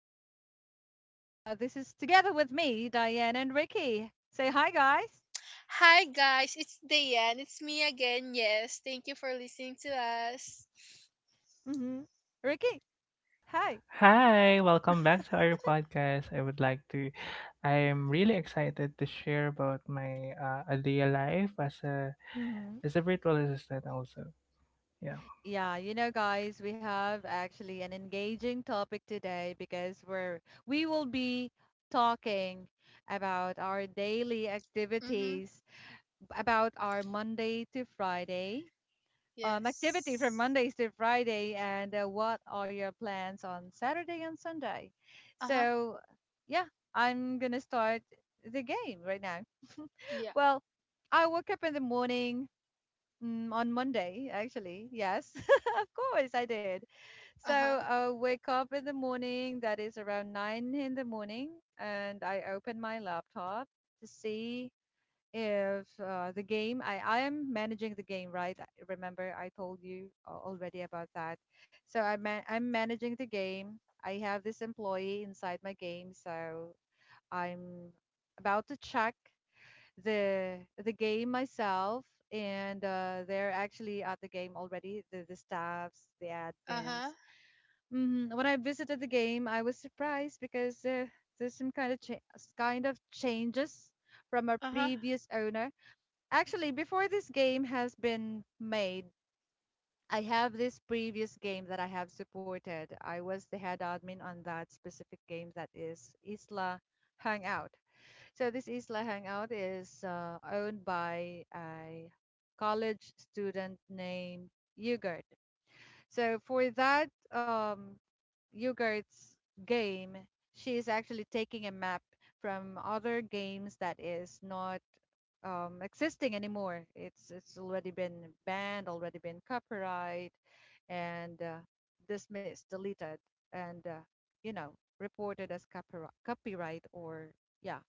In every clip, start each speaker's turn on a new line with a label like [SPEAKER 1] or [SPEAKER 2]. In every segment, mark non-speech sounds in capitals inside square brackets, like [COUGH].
[SPEAKER 1] is Anna, and this is together with me, Diane and Ricky. Say hi, guys.
[SPEAKER 2] Hi guys, it's Dayan. It's me again. Yes, thank you for listening to us.
[SPEAKER 1] Mm-hmm. Ricky, hi.
[SPEAKER 3] Hi, welcome back to our podcast. I am really excited to share about my a day life as a
[SPEAKER 1] Mm-hmm.
[SPEAKER 3] as a virtual assistant also. Yeah.
[SPEAKER 1] Yeah, you know, guys, we have actually an engaging topic today because we will be talking about our daily
[SPEAKER 2] Mhm.
[SPEAKER 1] activities, about our Monday to Friday activity from
[SPEAKER 2] Yes.
[SPEAKER 1] Mondays to Friday, and what are your plans on Saturday and Sunday?
[SPEAKER 2] Uh huh.
[SPEAKER 1] So, yeah, I'm gonna start the game right now.
[SPEAKER 2] Yeah.
[SPEAKER 1] Well, I woke up in the morning on Monday, actually. Yes, [LAUGHS] of course, I did. So,
[SPEAKER 2] Uh huh.
[SPEAKER 1] I wake up in the morning, that is around nine in the morning, and I open my laptop to see if the game I am managing the game right remember I told you already about that so i'm managing the game I have this employee inside my game so I'm about to check the game myself and they're actually at the game already the staffs the
[SPEAKER 2] Uh
[SPEAKER 1] admins
[SPEAKER 2] huh.
[SPEAKER 1] when I visited the game I was surprised because there's some kind of kind of changes from our
[SPEAKER 2] Uh huh.
[SPEAKER 1] previous owner. Actually, before this game has been made, I have this previous game that I have supported. I was the head admin on that specific game that is Isla Hangout. So this Isla Hangout is owned by a college student named Yogurt. So for that Yogurt's game, she is actually taking a map from other games that is not existing anymore. It's already been banned, already been copyright, and dismissed, deleted, and you know reported as copyright, copyright or yeah,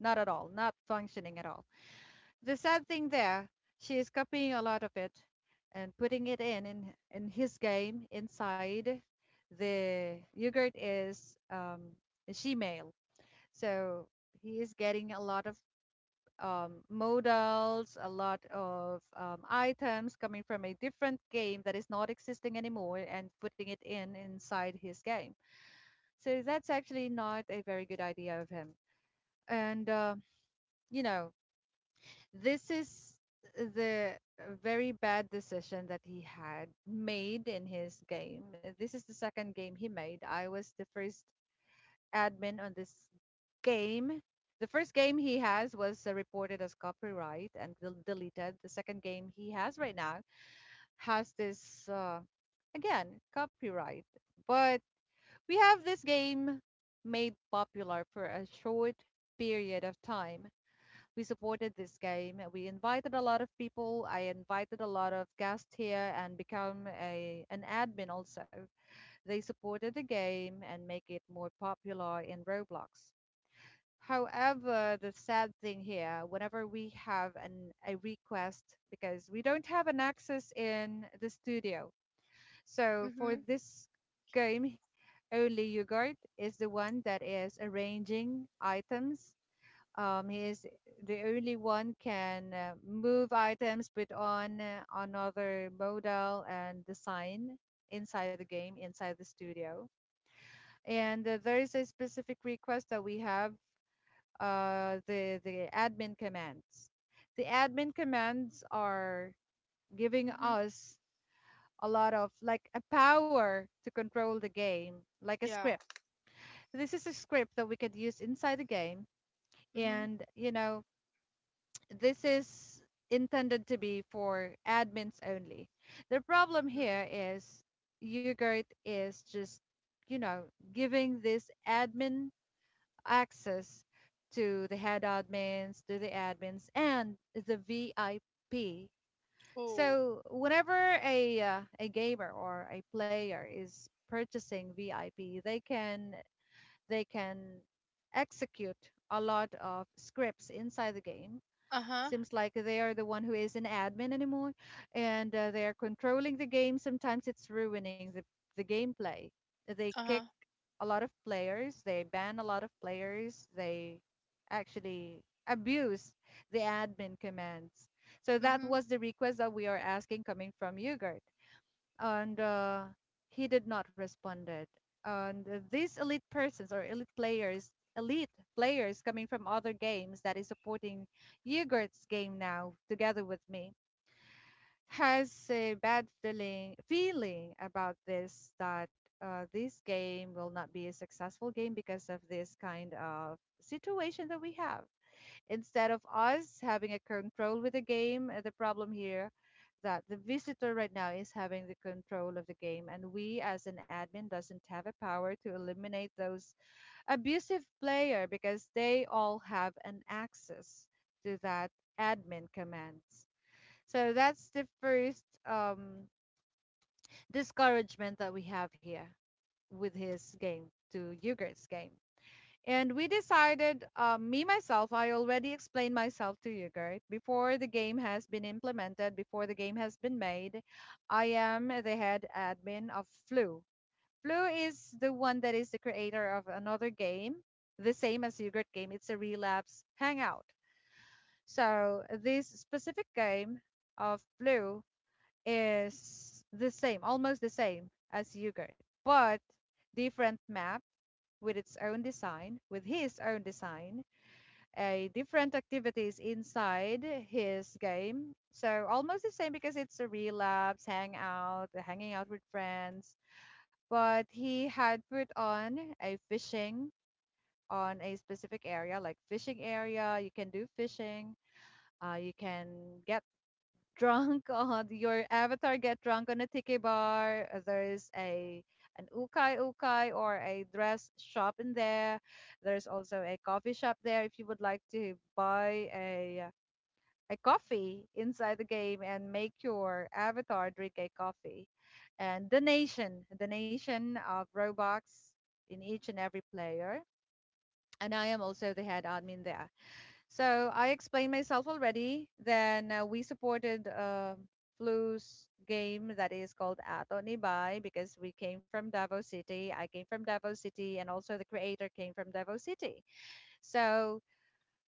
[SPEAKER 1] not at all, not functioning at all. The sad thing there, she is copying a lot of it and putting it in in his game inside. The yogurt is a she-male, so he is getting a lot of modals, a lot of items coming from a different game that is not existing anymore, and putting it in inside his game. So that's actually not a very good idea of him. And you know, this is the very bad decision that he had made in his game. This is the second game he made. I was the first admin on this game. The first game he has was reported as copyright and deleted. The second game he has right now has this, again, copyright. But we have this game made popular for a short period of time. We supported this game. We invited a lot of people. I invited a lot of guests here and become a an admin also. They supported the game and make it more popular in Roblox. However, the sad thing here, whenever we have an a request because we don't have an access in the studio. So for
[SPEAKER 2] Mhm.
[SPEAKER 1] this game, only Yogurt is the one that is arranging items. He's the only one can move items, put on another modal and design inside the game, inside the studio. And there is a specific request that we have the admin commands. The admin commands are giving
[SPEAKER 2] Mhm.
[SPEAKER 1] us a lot of like a power to control the game, like a
[SPEAKER 2] Yeah.
[SPEAKER 1] script. This is a script that we could use inside the game,
[SPEAKER 2] Mhm.
[SPEAKER 1] and this is intended to be for admins only. The problem
[SPEAKER 2] Mhm.
[SPEAKER 1] here is YouGirt is just, you know, giving this admin access to the head admins, to the admins, and the VIP.
[SPEAKER 2] Cool.
[SPEAKER 1] So whenever a gamer or a player is purchasing VIP, they can execute a lot of scripts inside the game.
[SPEAKER 2] Uh huh.
[SPEAKER 1] Seems like they are the one who is an admin anymore, and they are controlling the game. Sometimes it's ruining the gameplay. They
[SPEAKER 2] Uh
[SPEAKER 1] kick
[SPEAKER 2] huh.
[SPEAKER 1] a lot of players. They ban a lot of players. They actually abuse the admin commands. So that
[SPEAKER 2] Mhm.
[SPEAKER 1] was the request that we are asking coming from Yuger, and he did not responded. And these elite persons or elite players coming from other games that is supporting Yogurt's game now together with me has a bad feeling about this that this game will not be a successful game because of this kind of situation that we have, instead of us having a control with the game. Uh, the problem here that the visitor right now is having the control of the game, and we as an admin doesn't have a power to eliminate those abusive player because they all have an access to that admin commands. So that's the first discouragement that we have here with his game to Yugert's game, and we decided, me myself, I already explained myself to you, Gert. Before the game has been implemented, before the game has been made, I am the head admin of Flu. Flu is the one that is the creator of another game, the same as Yogurt game. It's a relapse hangout. So this specific game of Flu is the same, almost the same as Yogurt, but different map with its own design, with his own design, a different activities inside his game. So almost the same because it's a relapse, hangout, hanging out with friends. But he had put on a fishing on a specific area, like fishing area. You can do fishing. You can get drunk on your avatar, get drunk on a tiki bar. There's a an ukay ukay or a dress shop in there. There's also a coffee shop there if you would like to buy a coffee inside the game and make your avatar drink a coffee, and the nation of robux in each and every player, and I am also the head admin there. So I explained myself already. Then we supported Flu's game that is called Ato Nibay because we came from Davao City. I came from Davao City, and also the creator came from Davao City. So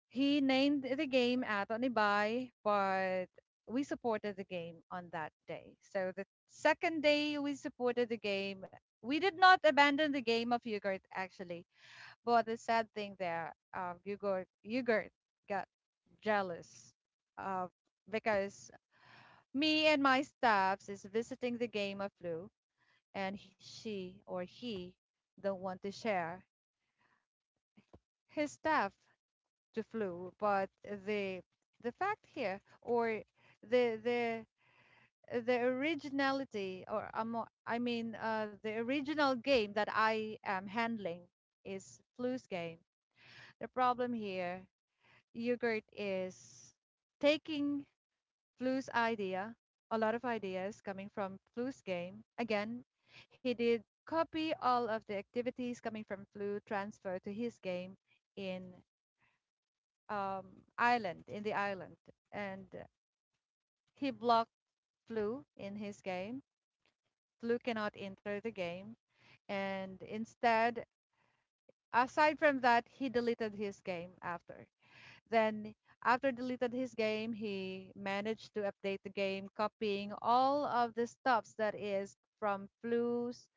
[SPEAKER 1] he named the game Ato Nibay, but we supported the game on that day. So the second day we supported the game. We did not abandon the game of Yogurt actually. But the sad thing there, Yogurt got jealous uh, because me and my staffs is visiting the game of flu, and she or he don't want to share his staff to flu. But the fact here, or the the the originality, or I mean, the original game that I am handling is flu's game. The problem here, yogurt is taking Flu's idea, a lot of ideas coming from Flu's game. Again, he did copy all of the activities coming from Flu transfer to his game in um, Ireland, in the island. And he blocked Flu in his game. Flu cannot enter the game. And instead, aside from that, he deleted his game after. Then, after deleted his game, he managed to update the game, copying all of the stuffs that is from Flu's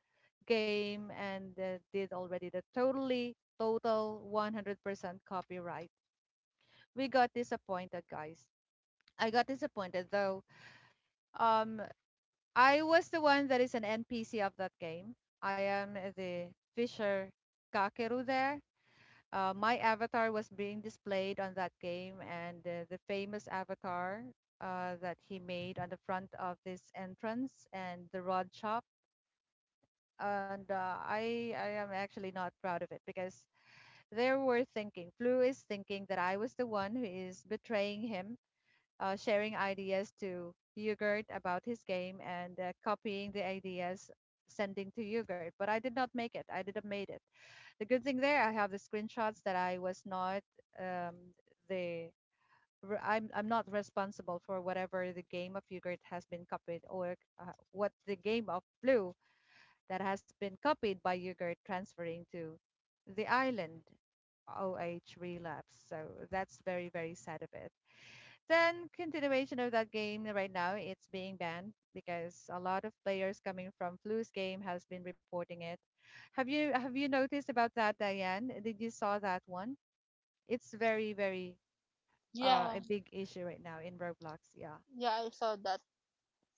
[SPEAKER 1] game, and did already the total 100% copyright. We got disappointed, guys. I got disappointed though. Um, I was the one that is an NPC of that game. I am the Fisher Kakeru there. My avatar was being displayed on that game, and the famous avatar that he made on the front of this entrance and the rod shop. And I am actually not proud of it because they were thinking, Flu is thinking that I was the one who is betraying him, sharing ideas to Yogurt about his game and copying the ideas, sending to Yogurt. But I did not make it. I didn't made it. The good thing there, I have the screenshots that I was not um, the I'm not responsible for whatever the game of yogurt has been copied or what the game of blue that has been copied by yogurt transferring to the island. OH relapse. So that's very, very sad of it. Then continuation of that game right now, it's being banned because a lot of players coming from Flu's game has been reporting it. Have you noticed about that, Diane? Did you saw that one? It's very very a
[SPEAKER 2] Yeah.
[SPEAKER 1] big issue right now in Roblox. Yeah,
[SPEAKER 2] Yeah, I saw that.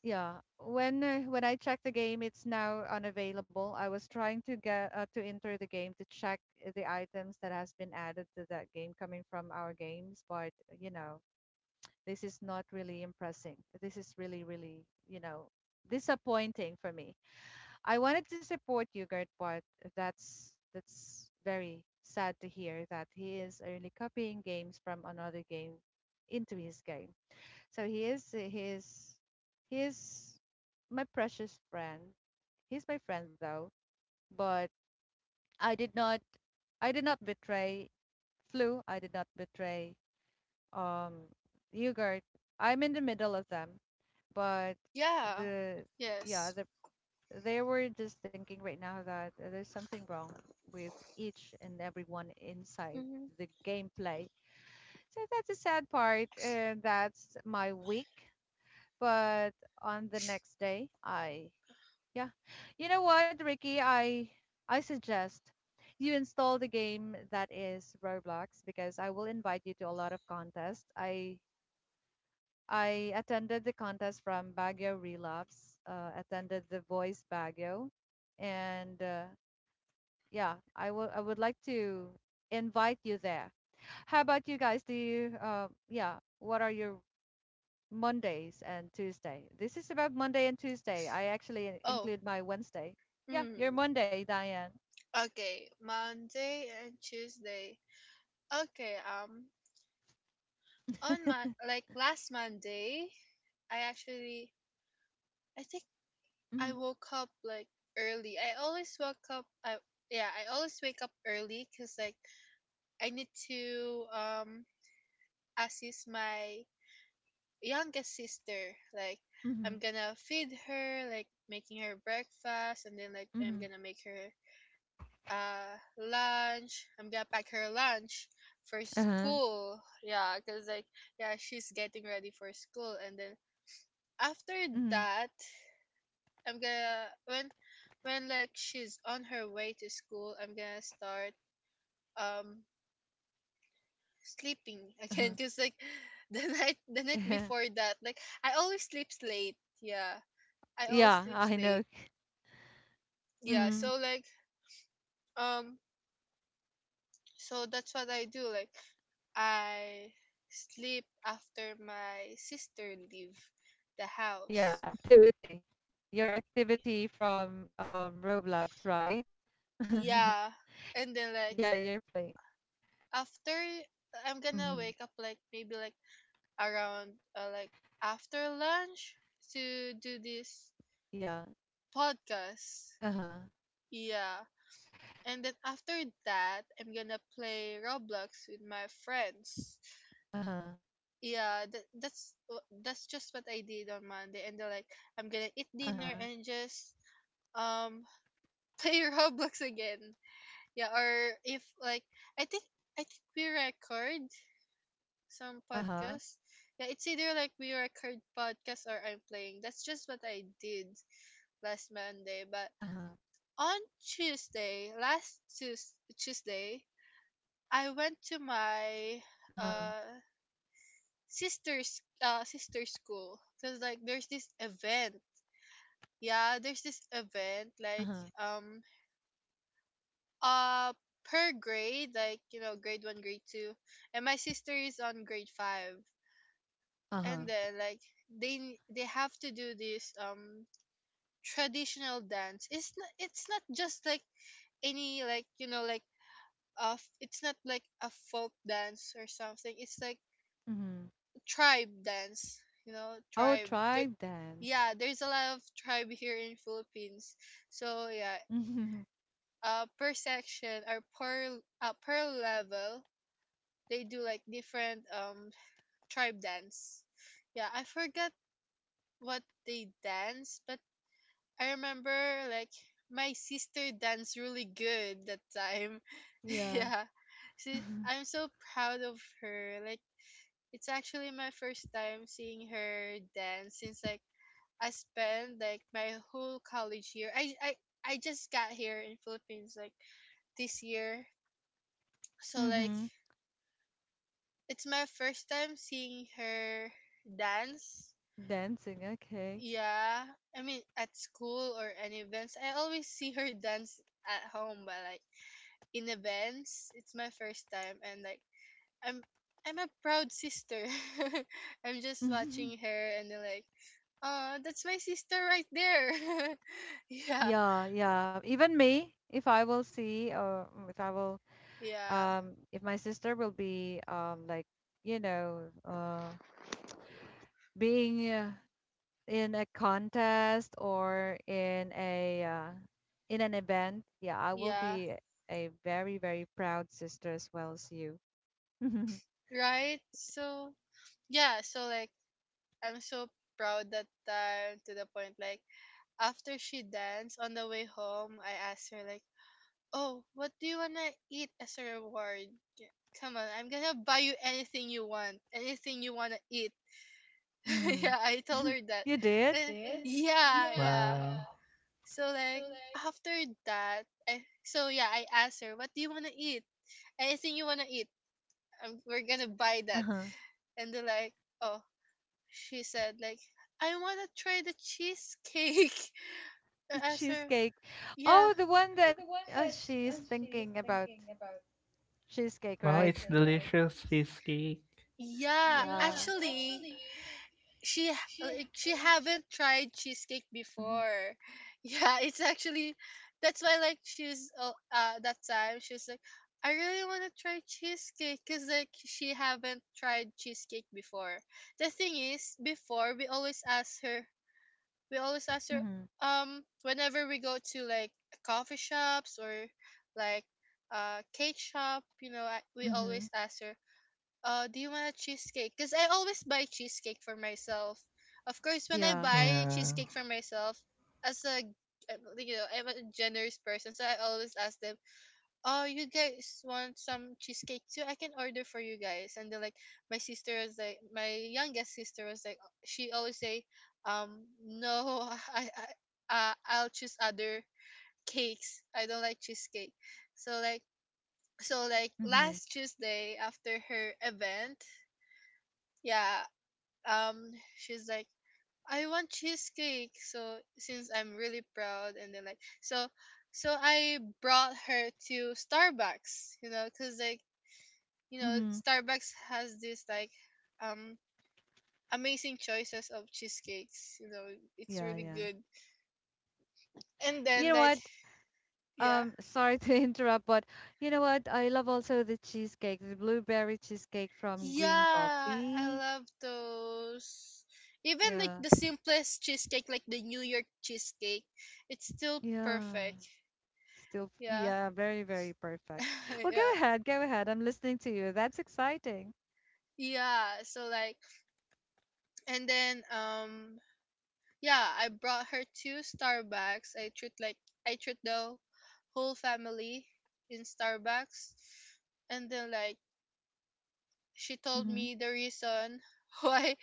[SPEAKER 1] yeah. When I checked the game, it's now unavailable. I was trying to get to enter the game to check the items that has been added to that game coming from our games, but you know this is not really impressing. This is really, really, you know, disappointing for me. I wanted to support you, Gert Bart. That's very sad to hear that he is only copying games from another game into his game. So he is my precious friend. He's my friend though, but I did not I did not betray Flu. I did not betray um Hugert. I'm in the middle of them but
[SPEAKER 2] Yeah.
[SPEAKER 1] the yeah
[SPEAKER 2] Yes.
[SPEAKER 1] the they were just thinking right now that there's something wrong with each and everyone inside
[SPEAKER 2] Mhm.
[SPEAKER 1] the gameplay, so that's a sad part and that's my week. But on the next day I yeah you know what, Ricky, I suggest you install the game that is Roblox, because I will invite you to a lot of contests. I attended the contest from Baguio Relapse, attended the Voice Baguio, and yeah, I will. I would like to invite you there. How about you guys? Do you? Yeah. What are your Mondays and Tuesday? This is about Monday and Tuesday. I actually
[SPEAKER 2] Oh.
[SPEAKER 1] include my Wednesday. Yeah, your
[SPEAKER 2] Mm.
[SPEAKER 1] Monday, Diane.
[SPEAKER 2] Okay. Monday and Tuesday. Okay. On my, like, last Monday, I actually I think
[SPEAKER 1] Mm-hmm.
[SPEAKER 2] I woke up, like, early. I always woke up. I Yeah. I always wake up early because, like, I need to assist my youngest sister. Like,
[SPEAKER 1] Mm-hmm.
[SPEAKER 2] I'm gonna feed her, like, making her breakfast, and then, like, I'm
[SPEAKER 1] Mm-hmm.
[SPEAKER 2] gonna make her lunch. I'm gonna pack her lunch for
[SPEAKER 1] Uh-huh.
[SPEAKER 2] school. Yeah, cause, like, yeah, she's getting ready for school, and then after
[SPEAKER 1] Mm-hmm.
[SPEAKER 2] that, I'm gonna when like, she's on her way to school, I'm gonna start um sleeping [LAUGHS] again because, like, [LAUGHS] the night
[SPEAKER 1] Uh-huh.
[SPEAKER 2] before that, like, I always sleep late. Yeah,
[SPEAKER 1] [LAUGHS]
[SPEAKER 2] I always
[SPEAKER 1] Yeah,
[SPEAKER 2] sleep
[SPEAKER 1] I know.
[SPEAKER 2] late. Yeah,
[SPEAKER 1] Mhm.
[SPEAKER 2] so, like, um so that's what I do. Like, I sleep after my sister leave the
[SPEAKER 1] Yeah,
[SPEAKER 2] house.
[SPEAKER 1] activity. Your activity from Roblox, right? [LAUGHS]
[SPEAKER 2] Yeah, and then,
[SPEAKER 1] Yeah,
[SPEAKER 2] like,
[SPEAKER 1] you're playing.
[SPEAKER 2] after, I'm
[SPEAKER 1] Mm-hmm.
[SPEAKER 2] gonna wake up, like, maybe, like, around like, after lunch to do this
[SPEAKER 1] Yeah.
[SPEAKER 2] podcast.
[SPEAKER 1] Uh-huh.
[SPEAKER 2] Yeah. And then after that, I'm gonna play Roblox with my friends.
[SPEAKER 1] Uh-huh.
[SPEAKER 2] Yeah, that's just what I did on Monday. And then, like, I'm gonna eat
[SPEAKER 1] Uh-huh.
[SPEAKER 2] dinner and just um play [LAUGHS] Roblox again. Yeah, or, if, like, I think I think we record some
[SPEAKER 1] Uh-huh.
[SPEAKER 2] podcasts. Yeah, it's either like we record podcasts or I'm playing. That's just what I did last Monday, but
[SPEAKER 1] Uh-huh.
[SPEAKER 2] on Tuesday, last Tuesday, I went to my
[SPEAKER 1] Uh-huh.
[SPEAKER 2] uh sister's sister school because, like, there's this event. Yeah, there's this event like
[SPEAKER 1] Uh-huh.
[SPEAKER 2] um uh per grade, like, grade one, grade two, and my sister is on grade five,
[SPEAKER 1] Uh-huh.
[SPEAKER 2] and then, like, they they have to do this traditional dance. It's not just like any, like, like it's not like a folk dance or something. It's like
[SPEAKER 1] Mm-hmm.
[SPEAKER 2] tribe dance,
[SPEAKER 1] Oh,
[SPEAKER 2] tribe there.
[SPEAKER 1] tribe dance.
[SPEAKER 2] Yeah, there's a lot of tribe here in Philippines. So, yeah, per section or per level, they do, like, different tribe dance. Yeah, I forgot what they dance, but I remember, like, my sister danced really good that time.
[SPEAKER 1] [LAUGHS]
[SPEAKER 2] [LAUGHS]
[SPEAKER 1] Yeah.
[SPEAKER 2] Yeah, she,
[SPEAKER 1] [LAUGHS]
[SPEAKER 2] i'm so proud of her, like. It's actually my first time seeing her dance, since, like, I spent, like, my whole college year. I just got here in Philippines, like, this year. So, like,
[SPEAKER 1] Mm-hmm.
[SPEAKER 2] it's my first time seeing her dance.
[SPEAKER 1] Dancing, okay.
[SPEAKER 2] Yeah. I mean, at school or any events. I always see her dance at home, but, like, in events it's my first time, and, like, I'm I'm a proud sister. [LAUGHS] I'm just watching
[SPEAKER 1] [LAUGHS]
[SPEAKER 2] her, and then, like, that's my sister right there. [LAUGHS] Yeah,
[SPEAKER 1] Yeah, yeah. Even me, if I will see or
[SPEAKER 2] yeah,
[SPEAKER 1] if my sister will be like, you know, uh being in a contest or in an event, yeah, I will
[SPEAKER 2] yeah.
[SPEAKER 1] be a very, very proud sister as well as you. [LAUGHS]
[SPEAKER 2] Right? So, yeah, so, like, I'm so proud that time, to the point, like, after she danced, on the way home, I asked her, like, "Oh, what do you wanna eat as a reward? K- Come on, I'm gonna buy you anything you want, anything you wanna eat." [LAUGHS]
[SPEAKER 1] Hmm.
[SPEAKER 2] Yeah, I told her that.
[SPEAKER 1] You did?
[SPEAKER 2] Eh, yeah, yeah.
[SPEAKER 3] Wow.
[SPEAKER 2] So, like, after that, I so, yeah, I asked her, "What do you wanna eat? Anything you wanna eat, we're gonna buy that."
[SPEAKER 1] Uh-huh. [LAUGHS]
[SPEAKER 2] And they're like, oh, she said, like, "I wanna try the cheesecake." [LAUGHS] I asked her,
[SPEAKER 1] Cheesecake.
[SPEAKER 2] yeah,
[SPEAKER 1] Oh, the one that she's thinking about cheesecake,
[SPEAKER 3] Well,
[SPEAKER 1] right?
[SPEAKER 3] it's delicious cheesecake.
[SPEAKER 2] yeah,
[SPEAKER 1] Yeah.
[SPEAKER 2] actually, she she haven't tried cheesecake
[SPEAKER 1] Mm-hmm.
[SPEAKER 2] before. [LAUGHS] Yeah, it's actually, that's why, like, she's that time she was like. I really want to try cheesecake because, like, she haven't tried cheesecake before. The thing is, before, we always ask her
[SPEAKER 1] Mm-hmm.
[SPEAKER 2] whenever we go to, like, coffee shops or, like, cake shop, we
[SPEAKER 1] Mm-hmm.
[SPEAKER 2] always ask her, do you want a cheesecake? Because I always buy cheesecake for myself. Of course, when I
[SPEAKER 1] Yeah.
[SPEAKER 2] buy
[SPEAKER 3] Yeah.
[SPEAKER 2] cheesecake for myself as a I'm a generous person, so I always ask them, "Oh, you guys want some cheesecake too? I can order for you guys." And then, like, my youngest sister was like, she always say, "No." [LAUGHS] i I'll choose other cakes. I don't like cheesecake. So, like,
[SPEAKER 1] Mm-hmm.
[SPEAKER 2] last Tuesday, after her event, yeah, um she's like, "I want cheesecake," so since I'm really proud, and then, like, so, I brought her to Starbucks, because, like,
[SPEAKER 1] Mm-hmm.
[SPEAKER 2] Starbucks has this, like, um amazing choices of cheesecakes. It's
[SPEAKER 1] Yeah,
[SPEAKER 2] really
[SPEAKER 1] yeah.
[SPEAKER 2] good. And
[SPEAKER 1] You
[SPEAKER 2] then,
[SPEAKER 1] know
[SPEAKER 2] like,
[SPEAKER 1] what?
[SPEAKER 2] yeah.
[SPEAKER 1] Sorry to [LAUGHS] interrupt, but you know what? I love also the cheesecake, the blueberry cheesecake from Green
[SPEAKER 2] Yeah, I
[SPEAKER 1] Coffee.
[SPEAKER 2] love those. Even, like,
[SPEAKER 1] Yeah,
[SPEAKER 2] the simplest cheesecake, like the New York cheesecake, it's still
[SPEAKER 1] yeah.
[SPEAKER 2] perfect.
[SPEAKER 1] Still,
[SPEAKER 2] Yeah.
[SPEAKER 1] yeah, very, very perfect.
[SPEAKER 2] [LAUGHS]
[SPEAKER 1] Well, go
[SPEAKER 2] Yeah.
[SPEAKER 1] ahead, go ahead. I'm listening to you. That's exciting.
[SPEAKER 2] Yeah. So, like, and then yeah, I brought her two Starbucks. I treat the whole family in Starbucks, and then, like, she told
[SPEAKER 1] Hmm.
[SPEAKER 2] me the reason [LAUGHS] why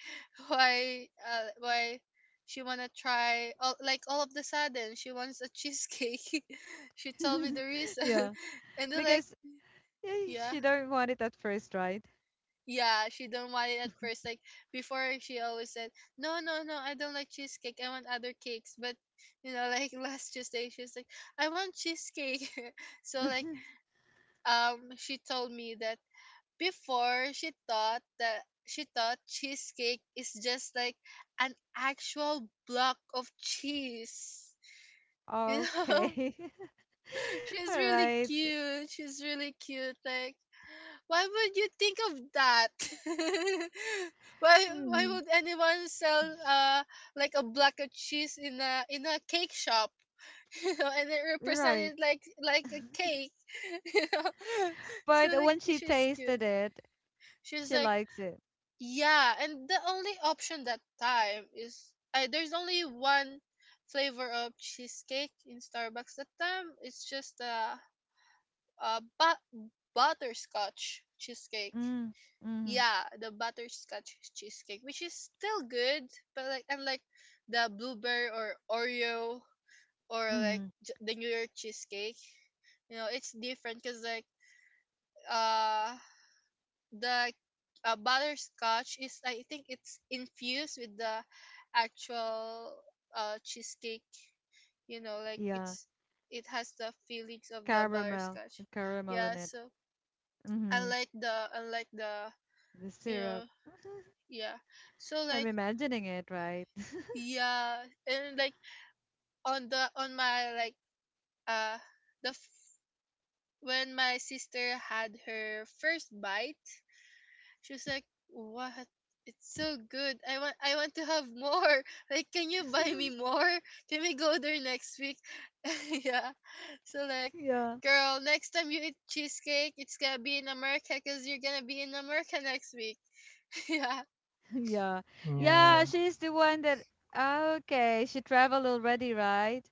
[SPEAKER 2] why she wanna try all, of the sudden she wants a cheesecake. [LAUGHS] She told me
[SPEAKER 1] [LAUGHS]
[SPEAKER 2] the reason,
[SPEAKER 1] Yeah,
[SPEAKER 2] [LAUGHS] and then, like,
[SPEAKER 1] because
[SPEAKER 2] yeah.
[SPEAKER 1] she don't want it at first, right?
[SPEAKER 2] Yeah, she don't want it at first. Like, before, she always said, "No, no, no, I don't like cheesecake. I want other cakes." But, like, [LAUGHS] last Tuesday, she was like, "I want cheesecake." [LAUGHS] So, like,
[SPEAKER 1] [LAUGHS]
[SPEAKER 2] she told me that, before, she thought cheesecake is just like an actual block of cheese. [LAUGHS] You know?
[SPEAKER 1] Okay.
[SPEAKER 2] [LAUGHS]
[SPEAKER 1] [LAUGHS]
[SPEAKER 2] She's
[SPEAKER 1] All
[SPEAKER 2] really
[SPEAKER 1] right.
[SPEAKER 2] cute. She's really cute. Like, why would you think of that? [LAUGHS] Why would
[SPEAKER 1] Mm,
[SPEAKER 2] anyone sell like a block of cheese in a cake shop? [LAUGHS] And it
[SPEAKER 1] you're
[SPEAKER 2] represented,
[SPEAKER 1] right.
[SPEAKER 2] like, a cake. [LAUGHS] You know? So,
[SPEAKER 1] But
[SPEAKER 2] like,
[SPEAKER 1] when she
[SPEAKER 2] she's cute.
[SPEAKER 1] tasted it,
[SPEAKER 2] She's
[SPEAKER 1] she
[SPEAKER 2] like,
[SPEAKER 1] likes it.
[SPEAKER 2] yeah, and the only option that time is, I there's only one flavor of cheesecake in Starbucks that time. It's just a but butterscotch cheesecake.
[SPEAKER 1] Mm, mm,
[SPEAKER 2] Yeah, the butterscotch cheesecake, which is still good, but, like, unlike the blueberry or Oreo or, like,
[SPEAKER 1] mm.
[SPEAKER 2] the New York cheesecake, it's different because, like, uh the butterscotch is, I think, it's infused with the actual cheesecake, like
[SPEAKER 1] Yeah,
[SPEAKER 2] it has the feelings of the
[SPEAKER 1] caramel,
[SPEAKER 2] butterscotch,
[SPEAKER 1] caramel
[SPEAKER 2] yeah.
[SPEAKER 1] in it.
[SPEAKER 2] So,
[SPEAKER 1] Mm-hmm.
[SPEAKER 2] unlike the
[SPEAKER 1] The
[SPEAKER 2] you know
[SPEAKER 1] syrup. [LAUGHS]
[SPEAKER 2] yeah, so,
[SPEAKER 1] I'm
[SPEAKER 2] like,
[SPEAKER 1] imagining it, right? [LAUGHS]
[SPEAKER 2] yeah, and, like, on the on my, like, uh the f- when my sister had her first bite, she was like, "What? It's so good. I want to have more. [LAUGHS] Like, can you buy me more? Can we go there next week?" [LAUGHS] Yeah. So, like,
[SPEAKER 1] Yeah,
[SPEAKER 2] girl, next time you eat cheesecake, it's gonna be in America because you're gonna be in America next week. [LAUGHS] Yeah.
[SPEAKER 1] [LAUGHS] yeah, yeah.
[SPEAKER 2] So,
[SPEAKER 3] Yeah.
[SPEAKER 1] She's the one that. Okay, she traveled already, right?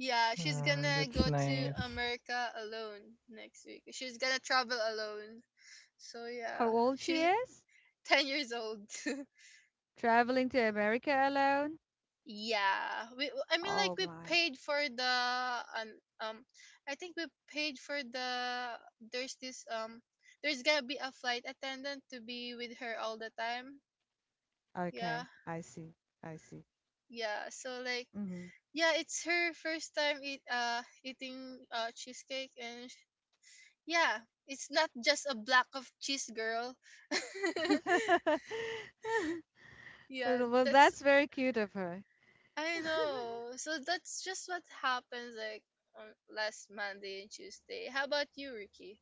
[SPEAKER 2] yeah, she's gonna
[SPEAKER 3] That's
[SPEAKER 2] go to
[SPEAKER 3] nice.
[SPEAKER 2] America alone next week. She's gonna travel alone. So,
[SPEAKER 1] How
[SPEAKER 2] yeah,
[SPEAKER 1] old she
[SPEAKER 2] she's
[SPEAKER 1] is?
[SPEAKER 2] [LAUGHS] 10 years old. [LAUGHS]
[SPEAKER 1] Traveling to America alone?
[SPEAKER 2] Yeah, we. I mean, like,
[SPEAKER 1] Oh
[SPEAKER 2] we
[SPEAKER 1] my.
[SPEAKER 2] paid for the um, um I think we paid for the. There's this um. There's gonna be a flight attendant to be with her all the time. Yeah,
[SPEAKER 1] Okay, I see. I see.
[SPEAKER 2] yeah. So, like,
[SPEAKER 1] Mm-hmm.
[SPEAKER 2] yeah, it's her first time eating cheesecake, and yeah, it's not just a block of cheese, girl. [LAUGHS]
[SPEAKER 1] [LAUGHS]
[SPEAKER 2] Yeah,
[SPEAKER 1] Well, well,
[SPEAKER 2] that's
[SPEAKER 1] that's very cute of her.
[SPEAKER 2] I know. So that's just what happens, like, on last Monday and Tuesday. How about you, Ricky?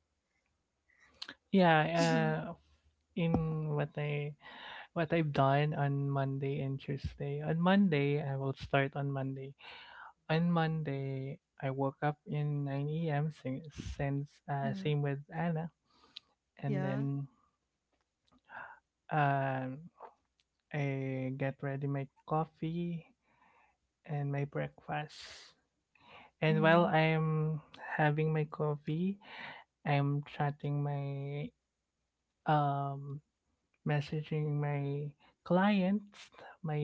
[SPEAKER 3] Yeah.
[SPEAKER 1] Mm-hmm.
[SPEAKER 3] Uh, in what I what I've done on Monday and Tuesday. On Monday, I will start on Monday. On Monday, I woke up in 9 a.m. since
[SPEAKER 1] Mm-hmm.
[SPEAKER 3] same with Anna, and
[SPEAKER 1] Yeah.
[SPEAKER 3] then um, I get ready my coffee and my breakfast. And
[SPEAKER 1] Mm-hmm.
[SPEAKER 3] while I'm having my coffee, I'm chatting my um messaging my clients,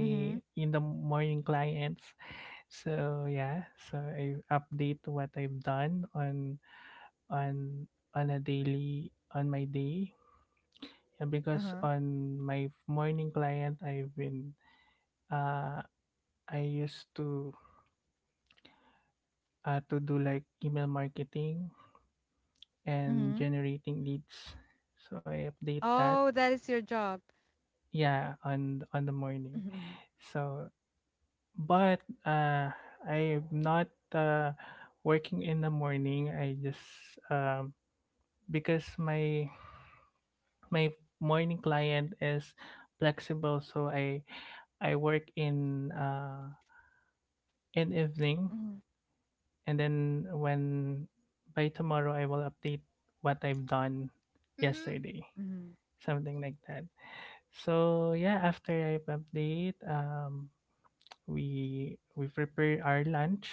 [SPEAKER 1] Mm-hmm.
[SPEAKER 3] in the morning clients. So yeah, so I update what I've done on on a daily on my day, yeah, because
[SPEAKER 1] Uh-huh.
[SPEAKER 3] on my morning client uh I used to do like email marketing
[SPEAKER 1] Mm-hmm.
[SPEAKER 3] and generating leads, so I update that,
[SPEAKER 1] Oh, that is your job.
[SPEAKER 3] yeah, on the morning.
[SPEAKER 1] Mhm.
[SPEAKER 3] So but I'm not uh working in the morning. I just um because my morning client is flexible, so I work in evening,
[SPEAKER 1] Mhm.
[SPEAKER 3] and then when by tomorrow I will update what I've done
[SPEAKER 2] Mhm.
[SPEAKER 3] yesterday,
[SPEAKER 1] Mhm.
[SPEAKER 3] something like that. So yeah, after I update, we prepare our lunch,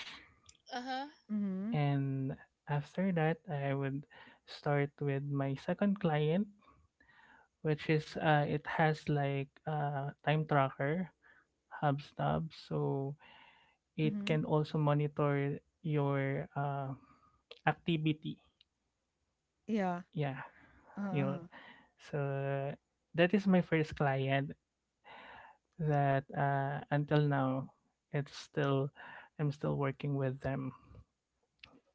[SPEAKER 2] Uh huh.
[SPEAKER 1] Mhm.
[SPEAKER 3] and after that I would start with my second client, which is it has like a time tracker, HubSnap. So it
[SPEAKER 1] Mhm.
[SPEAKER 3] can also monitor your activity.
[SPEAKER 1] Yeah.
[SPEAKER 3] Yeah, you know.
[SPEAKER 1] Uh-huh.
[SPEAKER 3] So that is my first client that until now it's still, I'm still working with them.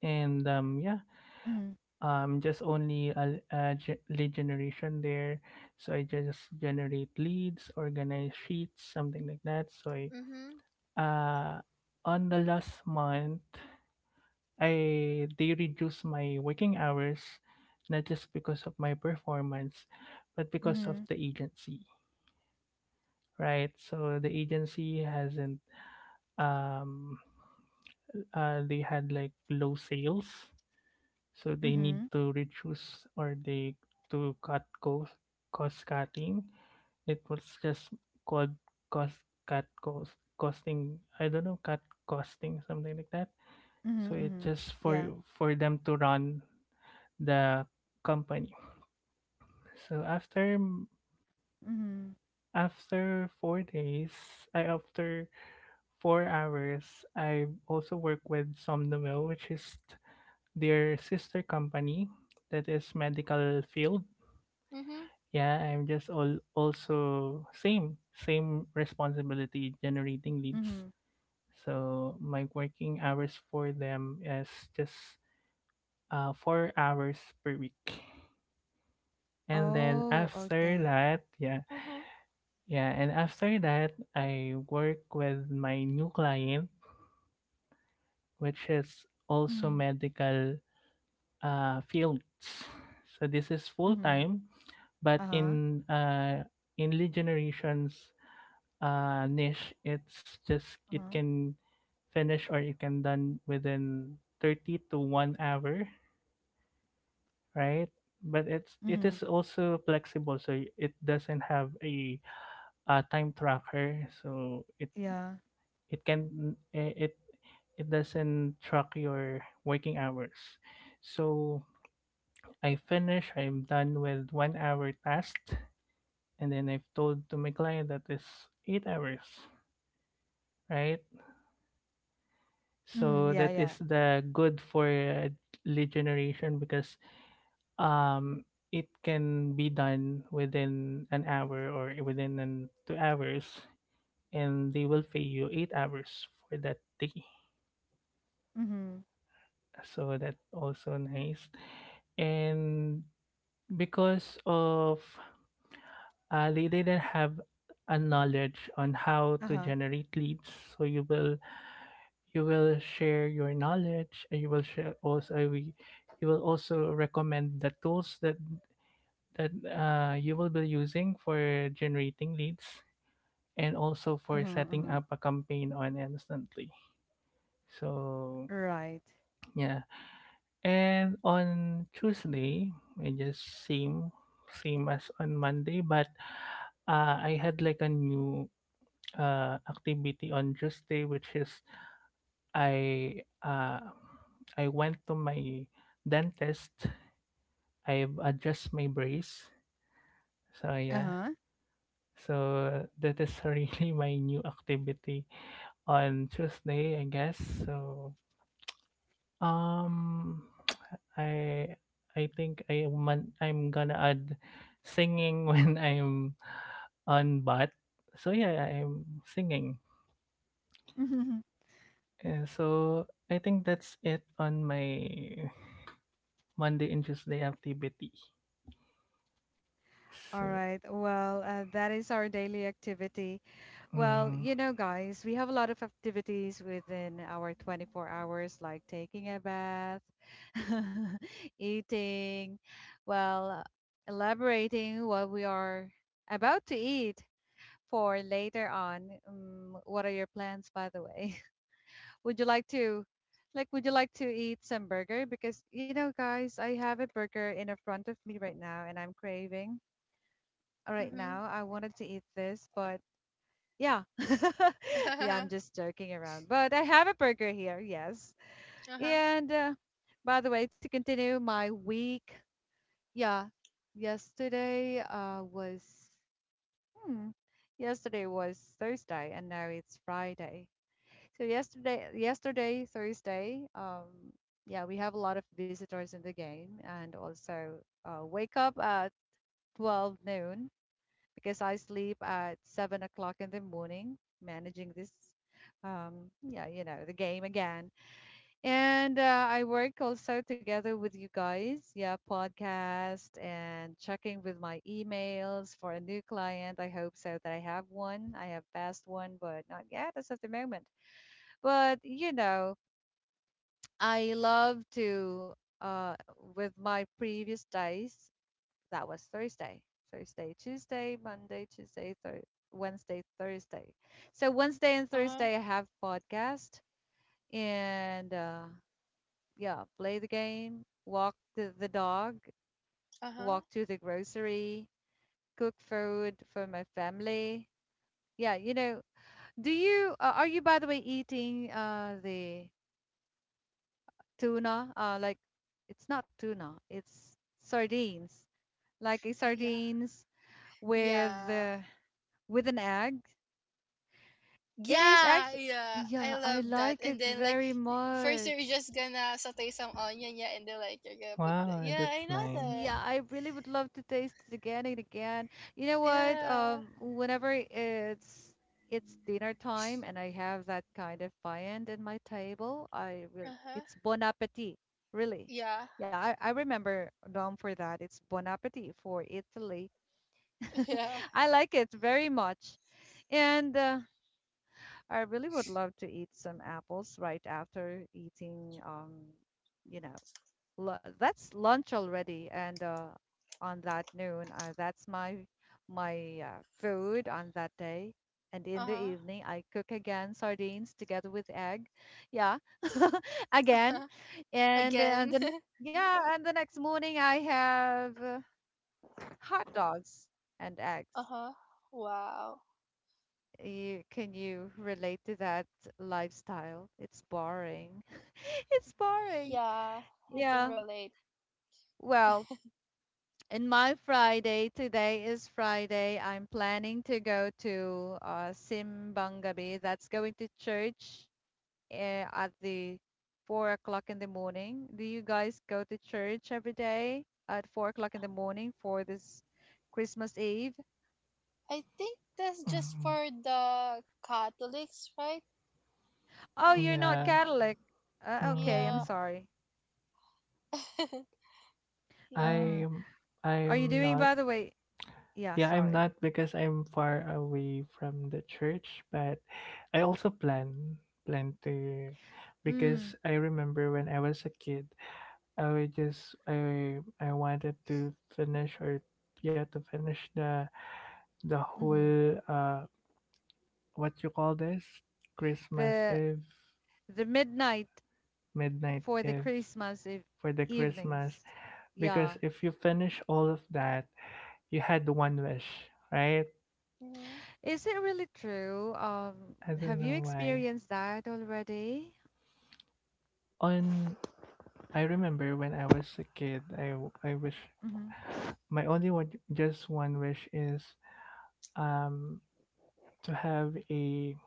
[SPEAKER 3] And
[SPEAKER 1] Mhm.
[SPEAKER 3] just only a lead generation there. So I just generate leads, organize sheets, something like that. So I,
[SPEAKER 2] Mhm.
[SPEAKER 3] uh, on the last month, I they reduce my working hours, not just because of my performance but because of
[SPEAKER 1] Mhm.
[SPEAKER 3] the agency. Right, so the agency hasn't, um they had like low sales, so they need
[SPEAKER 1] Mhm.
[SPEAKER 3] to reduce or they to cut cost, cost cutting it was just called cost cut cost costing I don't know cut costing something like that.
[SPEAKER 1] Mhm.
[SPEAKER 3] So it's
[SPEAKER 1] Mhm.
[SPEAKER 3] just for
[SPEAKER 1] Yeah.
[SPEAKER 3] them to run the company. So
[SPEAKER 1] Mhm.
[SPEAKER 3] after 4 days, I after 4 hours I also work with somnomil, which is their sister company that is medical field.
[SPEAKER 2] Mhm.
[SPEAKER 3] Yeah, I'm just all also same responsibility, generating leads.
[SPEAKER 1] Mhm.
[SPEAKER 3] So my working hours for them is just 4 hours per week, and then
[SPEAKER 1] Oh,
[SPEAKER 3] after
[SPEAKER 1] okay.
[SPEAKER 3] that, yeah,
[SPEAKER 2] Uh huh.
[SPEAKER 3] yeah. And after that I work with my new client, which is also
[SPEAKER 1] Mhm.
[SPEAKER 3] medical, fields. So this is full
[SPEAKER 1] Mhm.
[SPEAKER 3] time, but
[SPEAKER 1] Uh-huh.
[SPEAKER 3] in lead generations, niche, it
[SPEAKER 1] Uh-huh.
[SPEAKER 3] can finish or it can done within 30 to 1 hour, right? But it
[SPEAKER 1] Mhm.
[SPEAKER 3] is also flexible, so it doesn't have a time tracker, so it
[SPEAKER 1] Yeah.
[SPEAKER 3] it can eh, it it doesn't track your working hours. So I finish, I'm done with 1 hour task, and then I've told to my client that is 8 hours, right?
[SPEAKER 1] Mhm.
[SPEAKER 3] So
[SPEAKER 1] Yeah.
[SPEAKER 3] that
[SPEAKER 1] Yeah.
[SPEAKER 3] is the good for lead generation, because um it can be done within an hour or within an 2 hours, and they will pay you 8 hours for that day.
[SPEAKER 1] Mhm.
[SPEAKER 3] So that also nice. And because of, they didn't have a knowledge on how to
[SPEAKER 1] Uh-huh.
[SPEAKER 3] generate leads, so you will share your knowledge, and you will share also, we you will also recommend the tools that you will be using for generating leads and also for
[SPEAKER 1] Uh-huh.
[SPEAKER 3] setting
[SPEAKER 1] Uh-huh.
[SPEAKER 3] up a campaign on instantly. So
[SPEAKER 1] Right.
[SPEAKER 3] yeah. And on Tuesday, it just same as on Monday, but I had like a new activity on Tuesday, which is I, I went to my dentist. I've adjust my brace. So yeah,
[SPEAKER 1] Uh-huh.
[SPEAKER 3] so that is [LAUGHS] really my new activity on Tuesday, I guess. So Um, I I think I am man- I'm gonna add singing [LAUGHS] when I'm on bat. So yeah, I'm singing.
[SPEAKER 1] [LAUGHS]
[SPEAKER 3] So I think that's it on my Monday and Tuesday activity.
[SPEAKER 1] All
[SPEAKER 3] So
[SPEAKER 1] right. Well, that is our daily activity. Well,
[SPEAKER 3] mm,
[SPEAKER 1] you know, guys, we have a lot of activities within our 24 hours, like taking a bath, [LAUGHS] eating, well, elaborating what we are about to eat for later on. What are your plans, by the way? [LAUGHS] Would you like to, like, would you like to eat some burger? Because, you know, guys, I have a burger in a front of me right now and I'm craving. All right
[SPEAKER 2] Mhm.
[SPEAKER 1] now, I wanted to eat this, but yeah. [LAUGHS] Yeah, I'm just
[SPEAKER 2] [LAUGHS]
[SPEAKER 1] joking around. But I have a burger here, yes.
[SPEAKER 2] Uh huh.
[SPEAKER 1] And by the way, to continue my week, yeah, yesterday uh, was, hmm, yesterday was Thursday and now it's Friday. So yesterday, Thursday, yeah, we have a lot of visitors in the game, and also wake up at 12 noon because I sleep at 7 o'clock in the morning, managing this, yeah, the game again. And I work also together with you guys, yeah, podcast and checking with my emails for a new client. I hope so that I have one. I have passed one, but not yet as of the moment. But you know, I love to uh, with my previous days that was Thursday. Thursday, Tuesday, Monday, Tuesday, Wednesday, Thursday. So Wednesday and
[SPEAKER 2] Uh huh.
[SPEAKER 1] Thursday I have podcast, and yeah, play the game, walk the dog,
[SPEAKER 2] Uh huh.
[SPEAKER 1] walk to the grocery, cook food for my family. Yeah, do you are you by the way eating the tuna? Like it's not tuna, it's sardines. Like a
[SPEAKER 2] [LAUGHS] Yeah.
[SPEAKER 1] sardines with
[SPEAKER 2] Yeah.
[SPEAKER 1] uh, with an egg. It is
[SPEAKER 2] Yeah.
[SPEAKER 1] actually,
[SPEAKER 2] Yeah, I
[SPEAKER 1] yeah, I
[SPEAKER 2] love that.
[SPEAKER 1] like
[SPEAKER 2] And
[SPEAKER 1] it
[SPEAKER 2] then, like,
[SPEAKER 1] very
[SPEAKER 2] first you're
[SPEAKER 1] much.
[SPEAKER 2] just gonna saute some onion, yeah, and then, like, you're gonna put the
[SPEAKER 3] wow,
[SPEAKER 2] yeah,
[SPEAKER 3] that's
[SPEAKER 2] I know that.
[SPEAKER 1] Yeah,
[SPEAKER 3] nice.
[SPEAKER 1] I really would love to taste it again and again. You know what?
[SPEAKER 2] Yeah.
[SPEAKER 1] Whenever it's dinner time and I have that kind of viand in my table, I really
[SPEAKER 2] Uh-huh.
[SPEAKER 1] it's bon appetit, really.
[SPEAKER 2] Yeah.
[SPEAKER 1] Yeah, I remember Dom for that. It's bon appetit for Italy.
[SPEAKER 2] [LAUGHS]
[SPEAKER 1] [LAUGHS]
[SPEAKER 2] Yeah.
[SPEAKER 1] I like it very much. And I really would love to eat some apples right after eating, you know, that's lunch already. And on that noon, that's my food on that day. And in the
[SPEAKER 2] Uh-huh.
[SPEAKER 1] evening, I cook again sardines together with egg. Yeah, [LAUGHS] again.
[SPEAKER 2] Uh-huh.
[SPEAKER 1] And
[SPEAKER 2] Again.
[SPEAKER 1] the next morning I have hot dogs and eggs.
[SPEAKER 2] [LAUGHS] Uh-huh. Wow.
[SPEAKER 1] You can you relate to that lifestyle? It's boring. [LAUGHS] It's boring.
[SPEAKER 2] Yeah, I can
[SPEAKER 1] Yeah.
[SPEAKER 2] relate.
[SPEAKER 1] Well, in my Friday, today is Friday. I'm planning to go to Simbangabi. That's going to church uh, at the 4 o'clock in the morning. Do you guys go to church every day at 4 o'clock in the morning for this Christmas Eve?
[SPEAKER 2] I think that's just
[SPEAKER 3] Mm,
[SPEAKER 2] for the Catholics, right?
[SPEAKER 1] Oh,
[SPEAKER 2] Uh,
[SPEAKER 1] you're not
[SPEAKER 3] yeah.
[SPEAKER 2] um,
[SPEAKER 1] Catholic. Okay, I'm
[SPEAKER 2] yeah.
[SPEAKER 3] Mm,
[SPEAKER 1] sorry.
[SPEAKER 2] [LAUGHS] Yeah.
[SPEAKER 1] Mm.
[SPEAKER 3] I'm
[SPEAKER 1] Are you
[SPEAKER 3] I'm
[SPEAKER 1] doing,
[SPEAKER 3] not.
[SPEAKER 1] by the way? Yeah,
[SPEAKER 3] Yeah, I'm
[SPEAKER 1] sorry.
[SPEAKER 3] not, because I'm far away from the church, but I also plan to,
[SPEAKER 1] Mm.
[SPEAKER 3] because I remember when I was a kid, I would just I wanted to finish, or yeah, to finish the
[SPEAKER 1] hmm
[SPEAKER 3] whole, what you call this, Christmas
[SPEAKER 1] The
[SPEAKER 3] Eve,
[SPEAKER 1] the midnight
[SPEAKER 3] midnight
[SPEAKER 1] for the
[SPEAKER 3] Eve,
[SPEAKER 1] Christmas Eve
[SPEAKER 3] for the Christmas,
[SPEAKER 1] evenings. Yeah.
[SPEAKER 3] because if you finish all of that, you had one wish, right?
[SPEAKER 2] Mhm.
[SPEAKER 1] Is it really true?
[SPEAKER 3] I
[SPEAKER 1] Have
[SPEAKER 3] don't
[SPEAKER 1] you
[SPEAKER 3] know why,
[SPEAKER 1] experienced that already?
[SPEAKER 3] on I remember when I was a kid, I wish, my only one, just one wish is, um to have a,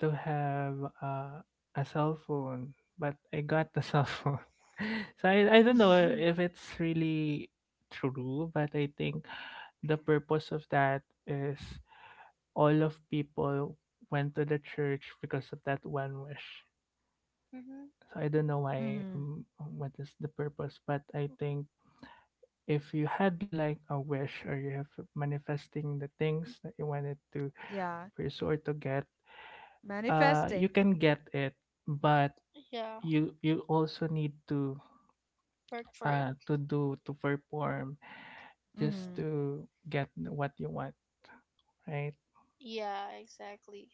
[SPEAKER 3] to have uh, a cell phone, but I got the cell phone. [LAUGHS] So I don't know
[SPEAKER 1] Mm-hmm.
[SPEAKER 3] if it's really true, but I think the purpose of that is all of people went to the church because of that one wish.
[SPEAKER 2] Mhm.
[SPEAKER 3] So I don't know why,
[SPEAKER 1] Hmm.
[SPEAKER 3] what is the purpose, but I think if you had like a wish, or you have manifesting the things that you wanted
[SPEAKER 1] [LAUGHS]
[SPEAKER 3] to
[SPEAKER 1] Yeah,
[SPEAKER 3] pursue or to get, you
[SPEAKER 1] manifesting.
[SPEAKER 3] can get it, but
[SPEAKER 2] Yeah,
[SPEAKER 3] you also need
[SPEAKER 2] work for it.
[SPEAKER 3] to do to perform just
[SPEAKER 1] Hmm.
[SPEAKER 3] to get what you want, right?
[SPEAKER 2] Yeah, exactly.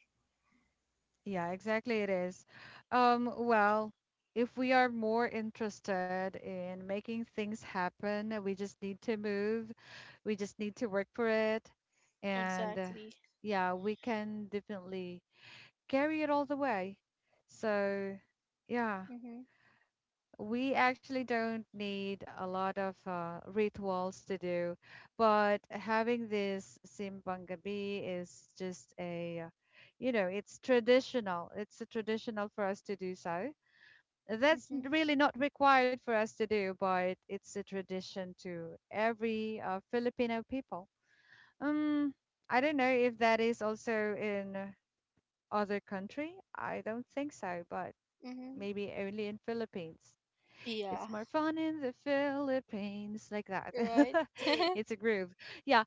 [SPEAKER 1] Yeah, exactly it is. Well, if we are more interested in making things happen, we just need to move we just need to work for it. And
[SPEAKER 2] Exactly.
[SPEAKER 1] yeah, we can definitely carry it all the way. So yeah,
[SPEAKER 2] Mhm.
[SPEAKER 1] we actually don't need a lot of rituals to do, but having this simbang gabi is just a you know, it's a traditional for us to do. So that's
[SPEAKER 2] Mhm.
[SPEAKER 1] really not required for us to do, but it's a tradition to every Filipino people. um, I don't know if that is also in other country. I don't think so, but
[SPEAKER 2] Mhm.
[SPEAKER 1] maybe only in Philippines. It's
[SPEAKER 2] Yeah.
[SPEAKER 1] more fun in the Philippines, like that.
[SPEAKER 2] Right.
[SPEAKER 1] [LAUGHS] It's a
[SPEAKER 2] [LAUGHS]
[SPEAKER 1] groove. Yeah,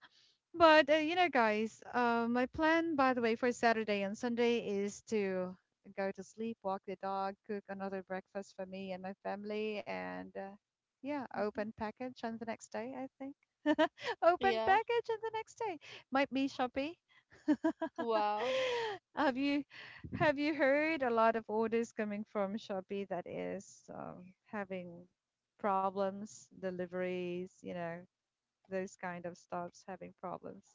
[SPEAKER 1] but you know, guys, my plan, by the way, for Saturday and Sunday is to go to sleep, walk the dog, cook another breakfast for me and my family, and yeah,
[SPEAKER 2] Mhm.
[SPEAKER 1] open package on the next day, I think. [LAUGHS] Open
[SPEAKER 2] Yeah.
[SPEAKER 1] package on the next day. Might be Shopee. [LAUGHS]
[SPEAKER 2] Wow.
[SPEAKER 1] Have you have you heard a lot of orders coming from Shopee that is having problems, deliveries, those kind of stops having problems.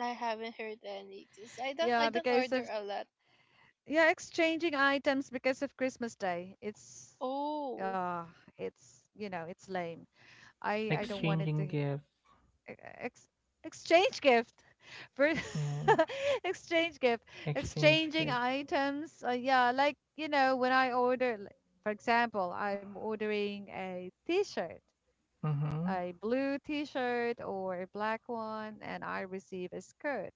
[SPEAKER 2] I haven't heard any because I
[SPEAKER 1] Yeah,
[SPEAKER 2] don't
[SPEAKER 1] because
[SPEAKER 2] order
[SPEAKER 1] of
[SPEAKER 2] a lot.
[SPEAKER 1] yeah, exchanging items because of Christmas Day.
[SPEAKER 2] Oh.
[SPEAKER 1] Uh it's it's lame. I don't
[SPEAKER 2] Mm-hmm.
[SPEAKER 1] want it
[SPEAKER 3] Exchanging
[SPEAKER 1] to e-
[SPEAKER 3] gift.
[SPEAKER 1] ex exchange gift [LAUGHS] for
[SPEAKER 3] Yeah,
[SPEAKER 1] [LAUGHS] exchange gift.
[SPEAKER 3] exchange
[SPEAKER 1] Exchanging
[SPEAKER 3] gift.
[SPEAKER 1] items. Yeah, like when I order, like, for example, I'm ordering a t-shirt,
[SPEAKER 3] Mm-hmm.
[SPEAKER 1] a blue t-shirt or a black one, and I receive a skirt.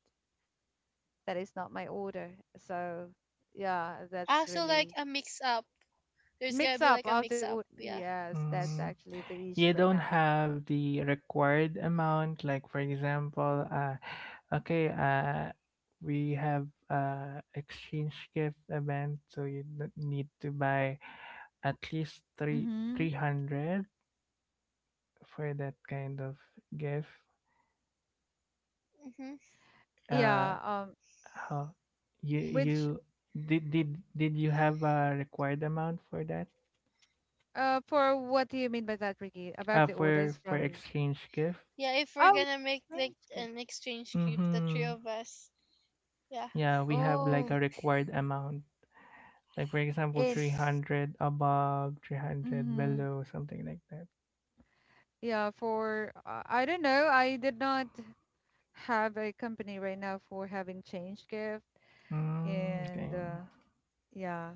[SPEAKER 1] That is not my order. So yeah, that's
[SPEAKER 2] Also, like,
[SPEAKER 1] really
[SPEAKER 2] a mix up. There's gonna
[SPEAKER 1] mix
[SPEAKER 2] be,
[SPEAKER 1] up
[SPEAKER 2] like, a
[SPEAKER 1] of the
[SPEAKER 2] mix
[SPEAKER 1] order.
[SPEAKER 2] up. Yeah.
[SPEAKER 1] Yes, that's
[SPEAKER 3] Mm,
[SPEAKER 1] actually the issue
[SPEAKER 3] you
[SPEAKER 1] right
[SPEAKER 3] don't
[SPEAKER 1] now.
[SPEAKER 3] have the required amount, like for example, okay uh we have exchange gift event, so you need to buy at least three
[SPEAKER 1] Mm-hmm.
[SPEAKER 3] 300 for that kind of gift.
[SPEAKER 2] Mm-hmm.
[SPEAKER 3] uh
[SPEAKER 1] Yeah,
[SPEAKER 3] how you you
[SPEAKER 1] which
[SPEAKER 3] did you have a required amount for that?
[SPEAKER 1] for what do you mean by that, Ricky? About the
[SPEAKER 3] For
[SPEAKER 1] orders from.
[SPEAKER 3] exchange gift.
[SPEAKER 2] Yeah. If we're
[SPEAKER 1] Oh,
[SPEAKER 2] gonna make, like,
[SPEAKER 1] strange.
[SPEAKER 2] an exchange group, the three
[SPEAKER 3] Mm-hmm,
[SPEAKER 2] of us. Yeah.
[SPEAKER 3] yeah, we have like
[SPEAKER 1] Oh,
[SPEAKER 3] a required amount, like for example
[SPEAKER 1] in
[SPEAKER 3] 300 above 300
[SPEAKER 1] Mm-hmm.
[SPEAKER 3] below, something like that.
[SPEAKER 1] Yeah, for I don't know. I did not have a company right now for having change gift,
[SPEAKER 3] Mm, okay,
[SPEAKER 1] and yeah.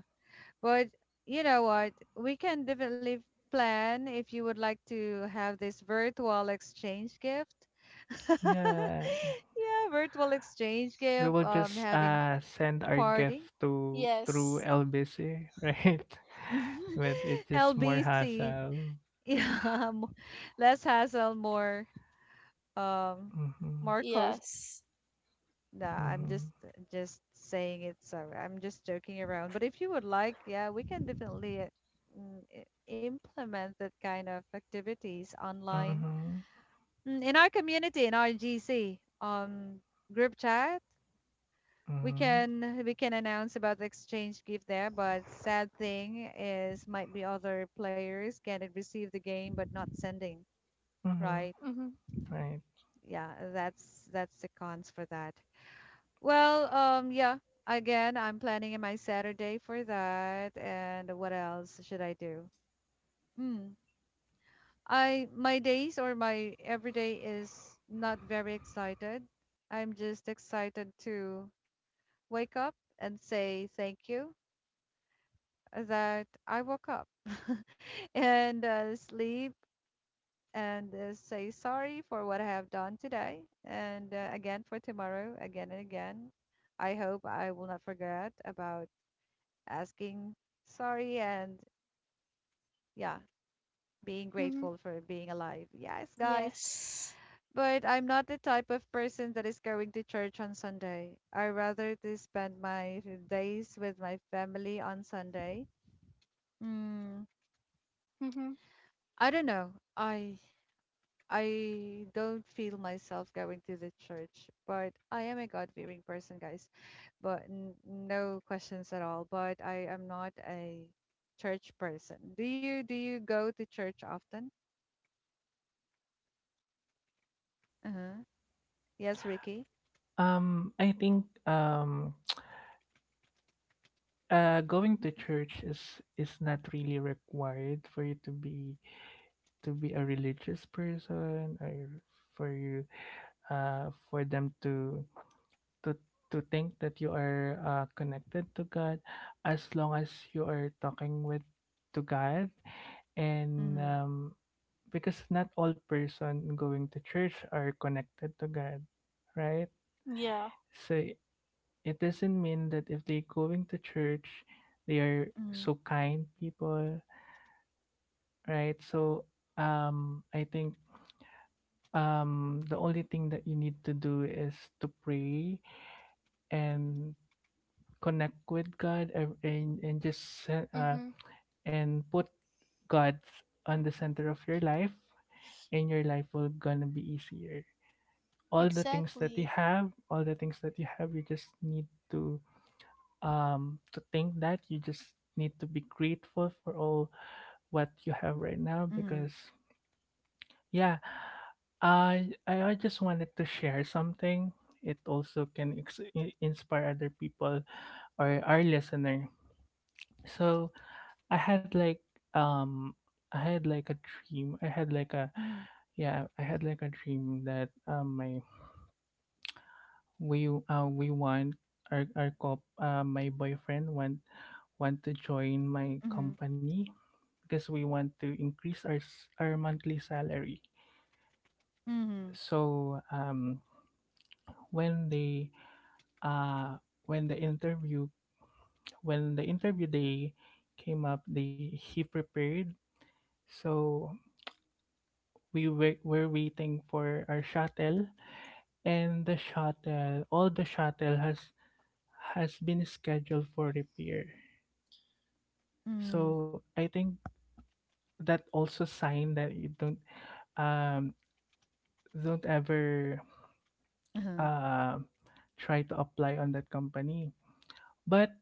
[SPEAKER 1] But you know what? We can definitely plan if you would like to have this virtual exchange gift. [LAUGHS]
[SPEAKER 3] yeah,
[SPEAKER 1] Yeah, virtual exchange
[SPEAKER 3] we
[SPEAKER 1] gift,
[SPEAKER 3] will just
[SPEAKER 1] having
[SPEAKER 3] send our
[SPEAKER 1] party.
[SPEAKER 3] gift to through
[SPEAKER 2] Yes.
[SPEAKER 3] LBC [LAUGHS] right? But it's
[SPEAKER 1] [LAUGHS]
[SPEAKER 3] just more
[SPEAKER 1] LBC.
[SPEAKER 3] hassle.
[SPEAKER 1] Yeah, [LAUGHS] less hassle, more um,
[SPEAKER 3] Mm-hmm,
[SPEAKER 1] more
[SPEAKER 2] Yes.
[SPEAKER 1] Nah, I'm just
[SPEAKER 3] mm-hmm,
[SPEAKER 1] just saying it. Sorry, I'm just joking around. But if you would like, yeah, we can definitely implement that kind of activities online,
[SPEAKER 3] mm-hmm,
[SPEAKER 1] In our community, in our GC group chat. We
[SPEAKER 3] mm-hmm,
[SPEAKER 1] can we can announce about the exchange gift there, but sad thing is might be other players can receive the game but not sending,
[SPEAKER 3] mm-hmm.
[SPEAKER 1] right?
[SPEAKER 2] Mm-hmm.
[SPEAKER 3] Right.
[SPEAKER 1] Yeah, that's the cons for that. Well, yeah. Again, I'm planning in my Saturday for that. And what else should I do? Mm. I My days or my everyday is not very excited. I'm just excited to wake up and say thank you that I woke up [LAUGHS] and sleep and say sorry for what I have done today, and again for tomorrow, again and again. I hope I will not forget about asking sorry and yeah, being
[SPEAKER 2] Mm-hmm.
[SPEAKER 1] grateful for being alive. Yes, guys.
[SPEAKER 2] Yes.
[SPEAKER 1] But I'm not the type of person that is going to church on Sunday. I rather to spend my days with my family on Sunday. Mm,
[SPEAKER 2] Mm-hmm.
[SPEAKER 1] I don't know. I don't feel myself going to the church, but I am a God-fearing person, guys. But n no questions at all. But I am not a church person. Do you go to church often? Uh-huh. Yes, Ricky.
[SPEAKER 3] I think, going to church is not really required for you to be, to be a religious person, or for you, for them to to to think that you are, connected to God, as long as you are talking with to God. And
[SPEAKER 1] Mhm.
[SPEAKER 3] because not all person going to church are connected to God, right?
[SPEAKER 2] Yeah.
[SPEAKER 3] So it doesn't mean that if they're going to church, they are
[SPEAKER 1] Mhm.
[SPEAKER 3] so kind people, right? So I think the only thing that you need to do is to pray and connect with God, and just
[SPEAKER 2] Mm-hmm.
[SPEAKER 3] and put God on the center of your life, and your life will gonna be easier.
[SPEAKER 2] Exactly.
[SPEAKER 3] All the things that you have, you just need to think that you just need to be grateful for all what you have right now,
[SPEAKER 1] Mhm.
[SPEAKER 3] because yeah, I just wanted to share something. It also can inspire other people or our listener. So I had like um I had like a dream I had like a
[SPEAKER 1] Mhm.
[SPEAKER 3] yeah, I had like a dream that my we want, our cop my boyfriend want to join my
[SPEAKER 1] Mhm.
[SPEAKER 3] company, because we want to increase our monthly salary.
[SPEAKER 1] Mhm.
[SPEAKER 3] So when they, uh, when the interview, when the interview day came up, they he prepared. So were waiting for our shuttle, and the shuttle has been scheduled for repair.
[SPEAKER 1] Mhm.
[SPEAKER 3] So I think that also sign that you don't, um don't ever,
[SPEAKER 1] Uh-huh.
[SPEAKER 3] uh, try to apply on that company. But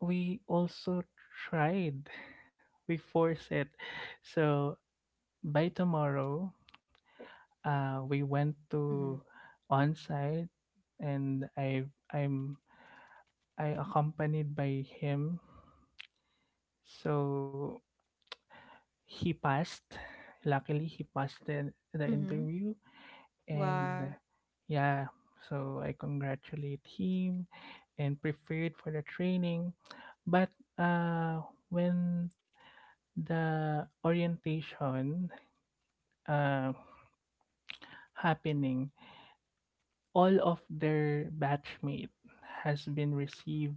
[SPEAKER 3] we also tried, we forced it. So by tomorrow, we went to
[SPEAKER 1] Mhm.
[SPEAKER 3] on site, and I'm I accompanied by him. So he passed. Luckily, he passed the
[SPEAKER 1] Mhm.
[SPEAKER 3] interview, and
[SPEAKER 1] Wow.
[SPEAKER 3] yeah. So I congratulate him, and prepared for the training, but uh when the orientation uh happening, all of their batchmate has been received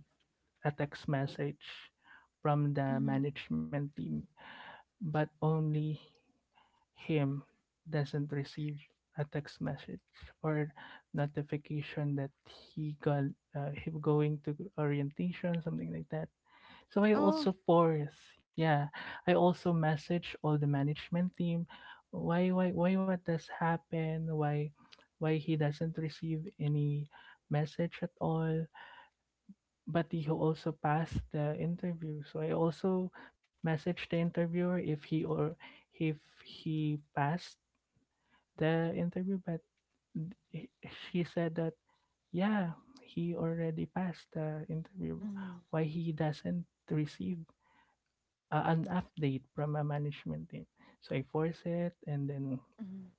[SPEAKER 3] a text message from the
[SPEAKER 1] Mhm.
[SPEAKER 3] management team, but only him doesn't receive a text message or notification that he got, him going to orientation, something like that. So I
[SPEAKER 1] Oh.
[SPEAKER 3] also force, yeah, I also message all the management team, why what does happen, why he doesn't receive any message at all, but he also passed the interview, so I also message the interviewer if he or if he passed the interview, but he she said that, yeah, he already passed the interview.
[SPEAKER 1] Mhm.
[SPEAKER 3] Why he doesn't receive, an update from a management team? So I force it, and then
[SPEAKER 1] Mhm.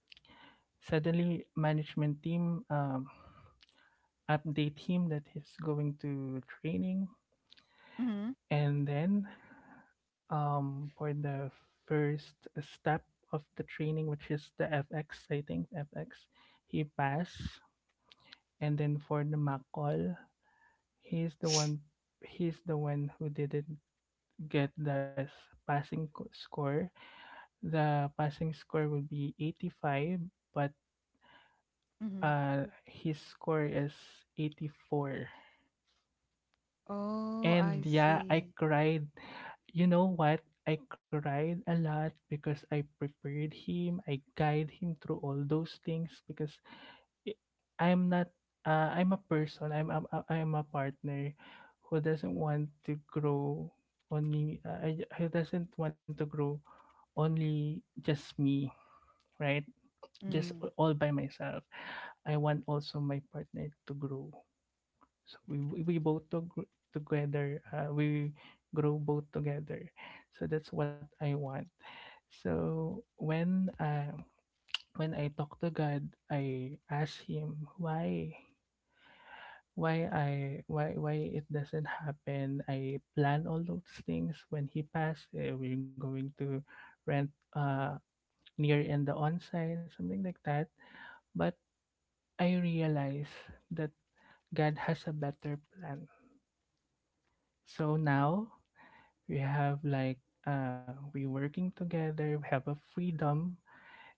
[SPEAKER 3] suddenly management team, update him that he's going to training,
[SPEAKER 1] Mhm.
[SPEAKER 3] and then for the first step of the training, which is the FX, I think FX, he passed. And then for the McCall, he's the one he's the one who didn't get the passing score. The passing score will be 85, but
[SPEAKER 1] Mhm.
[SPEAKER 3] his score is 84.
[SPEAKER 1] Oh,
[SPEAKER 3] And
[SPEAKER 1] I
[SPEAKER 3] yeah, I
[SPEAKER 1] see.
[SPEAKER 3] cried. You know what? I cried a lot because I prepared him. I guide him through all those things because i- I'm not I'm a partner who doesn't want to grow only I- who doesn't want to grow only just me, right,
[SPEAKER 1] Mhm.
[SPEAKER 3] all by myself. I want also my partner to grow, so we grow both together, so that's what I want. So when I talk to God, I ask Him why I why it doesn't happen. I plan all those things. When he passed, we're going to rent uh near in the onsite, something like that. But I realize that God has a better plan. So now we have like we working together. We have a freedom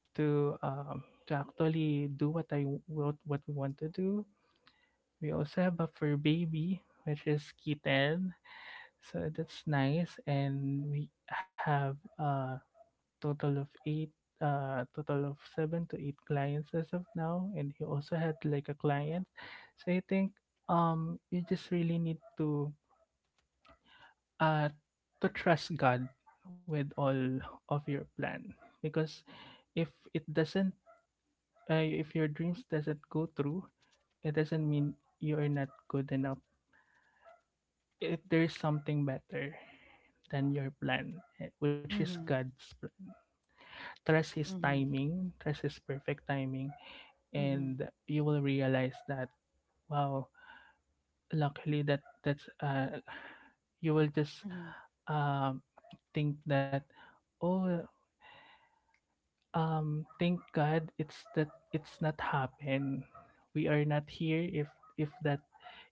[SPEAKER 3] to um to actually do what I what we want to do. We also have a fur baby, which is kitten. So that's nice, and we have a total of eight, total of seven to eight clients as of now. And he also had like a client, so I think you just really need uh to trust God with all of your plan, because if it doesn't, if your dreams doesn't go through, it doesn't mean you are not good enough. There's something better than your plan, which is
[SPEAKER 1] Mhm.
[SPEAKER 3] God's plan. Trust His
[SPEAKER 1] Mhm.
[SPEAKER 3] timing, trust His perfect timing,
[SPEAKER 1] Mhm.
[SPEAKER 3] and you will realize that wow, luckily that that's you will just
[SPEAKER 1] Mhm.
[SPEAKER 3] um think that oh thank God it's not happened. We are not here if that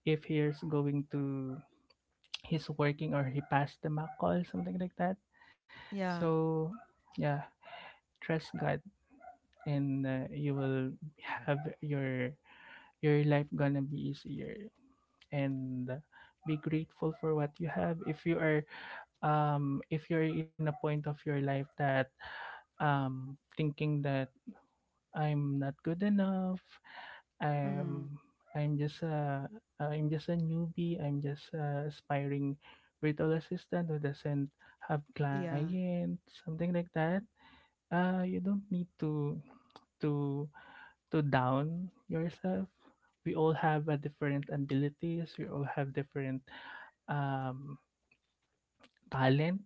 [SPEAKER 3] if he's going to he's working or he passed the mock call, something like that.
[SPEAKER 1] Yeah.
[SPEAKER 3] So, yeah, trust God, and you will have your life gonna be easier. And be grateful for what you have. If you're in a point of your life that thinking that I'm not good enough,
[SPEAKER 1] Mhm.
[SPEAKER 3] I'm I'm just a I'm just a newbie. I'm just a aspiring virtual assistant who doesn't have
[SPEAKER 1] Yeah.
[SPEAKER 3] clients, something like that. You don't need to to down yourself. We all have a different abilities. We all have different um talent.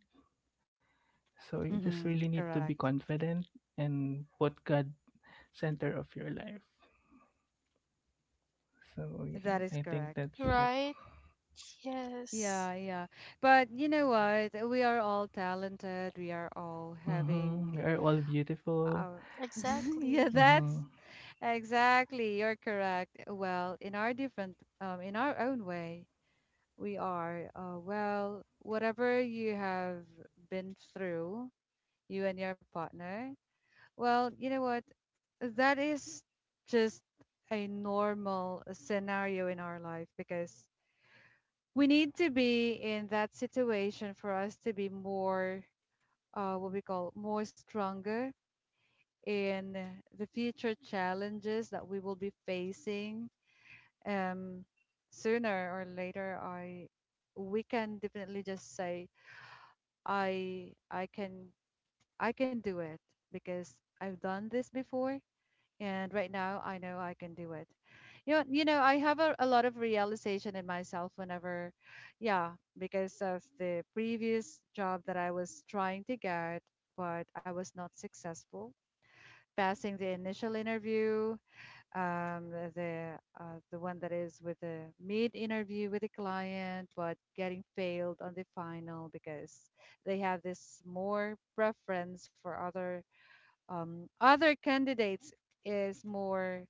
[SPEAKER 3] So you just really
[SPEAKER 1] Mhm.
[SPEAKER 3] need to be
[SPEAKER 1] Correct.
[SPEAKER 3] confident and put God center of your life. So yeah,
[SPEAKER 1] That is
[SPEAKER 3] I think
[SPEAKER 1] correct.
[SPEAKER 3] that's it.
[SPEAKER 2] Right. Yes.
[SPEAKER 1] Yeah, yeah. But you know what? We are all talented. We are all
[SPEAKER 3] Mm-hmm. We
[SPEAKER 1] having
[SPEAKER 3] are all beautiful.
[SPEAKER 1] Uh, [LAUGHS] yeah,
[SPEAKER 2] Exactly.
[SPEAKER 1] that's
[SPEAKER 3] Mm-hmm.
[SPEAKER 1] exactly. You're correct. Well, in our different, in our own way, we are. Well, whatever you have been through, you and your partner. Well, you know what? That is just a normal scenario in our life because we need to be in that situation for us to be more, what we call more stronger in eh, the future challenges that we will be facing um, sooner or later. I we can definitely just say I can I can do it because I've done this before, and right now I know I can do it. You know I have a lot of realization in myself whenever, yeah, because of the previous job that I was trying to get, but I was not successful passing the initial interview, the one that is with the mid interview with the client, but getting failed on the final because they have this more preference for other other candidates is more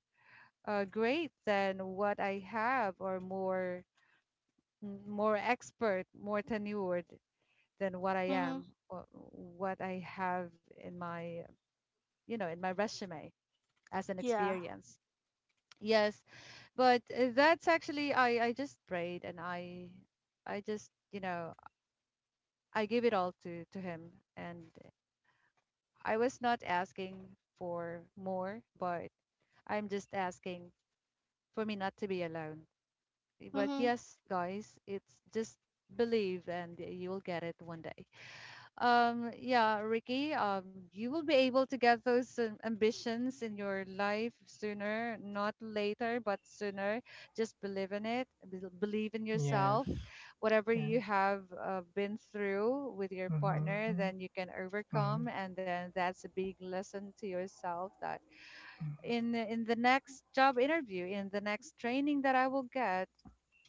[SPEAKER 1] great than what I have, or more, more expert, more tenured than what I
[SPEAKER 2] Mm-hmm.
[SPEAKER 1] am or what I have in my, you know, in my resume as an
[SPEAKER 2] Yeah.
[SPEAKER 1] experience. Yes, but that's actually, I just prayed and I just, you know, I gave it all to him and I was not asking for more, but I'm just asking for me not to be alone. But
[SPEAKER 2] Mm-hmm.
[SPEAKER 1] yes guys, it's just believe and you'll get it one day. Yeah, Ricky, you will be able to get those ambitions in your life sooner, not later, but sooner. Just believe in it, believe in yourself.
[SPEAKER 3] Yes.
[SPEAKER 1] Whatever you
[SPEAKER 3] Yes.
[SPEAKER 1] have been through with your partner,
[SPEAKER 3] Mm-hmm.
[SPEAKER 1] then you can
[SPEAKER 3] Mm-hmm.
[SPEAKER 1] overcome, and then that's a big lesson to yourself that in in the next job interview, in the next training that I will get,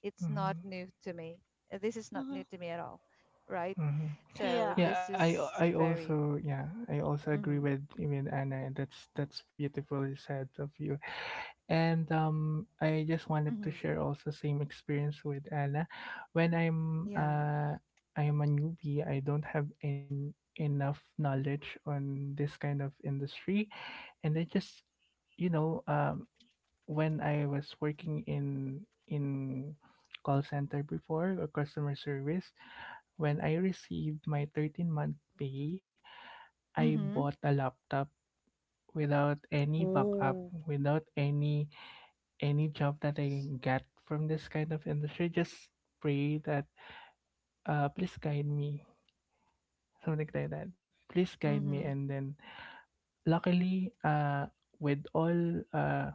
[SPEAKER 1] it's not new
[SPEAKER 3] Mm-hmm.
[SPEAKER 1] to me. This is not
[SPEAKER 2] Mm-hmm.
[SPEAKER 1] new to me at all, right?
[SPEAKER 3] Hmm.
[SPEAKER 1] So
[SPEAKER 2] Yeah.
[SPEAKER 1] this
[SPEAKER 3] Yeah, I
[SPEAKER 1] is
[SPEAKER 3] I
[SPEAKER 1] very,
[SPEAKER 3] also yeah I also
[SPEAKER 1] mm-hmm,
[SPEAKER 3] agree with you mean Anna. That's beautifully said of you. And I just wanted to
[SPEAKER 1] mm-hmm,
[SPEAKER 3] share also same experience with Anna. When
[SPEAKER 1] yeah.
[SPEAKER 3] I'm a newbie, I don't have in enough knowledge on this kind of industry, and I just you know um when I was working in call center before or customer service, when I received my 13-month month pay, I bought
[SPEAKER 1] Mm-hmm.
[SPEAKER 3] a laptop without any backup,
[SPEAKER 1] Oh.
[SPEAKER 3] without any any job that I get from this kind of industry. Just pray that please guide me, something like that. Please guide me,
[SPEAKER 1] Mm-hmm.
[SPEAKER 3] and then luckily with all uh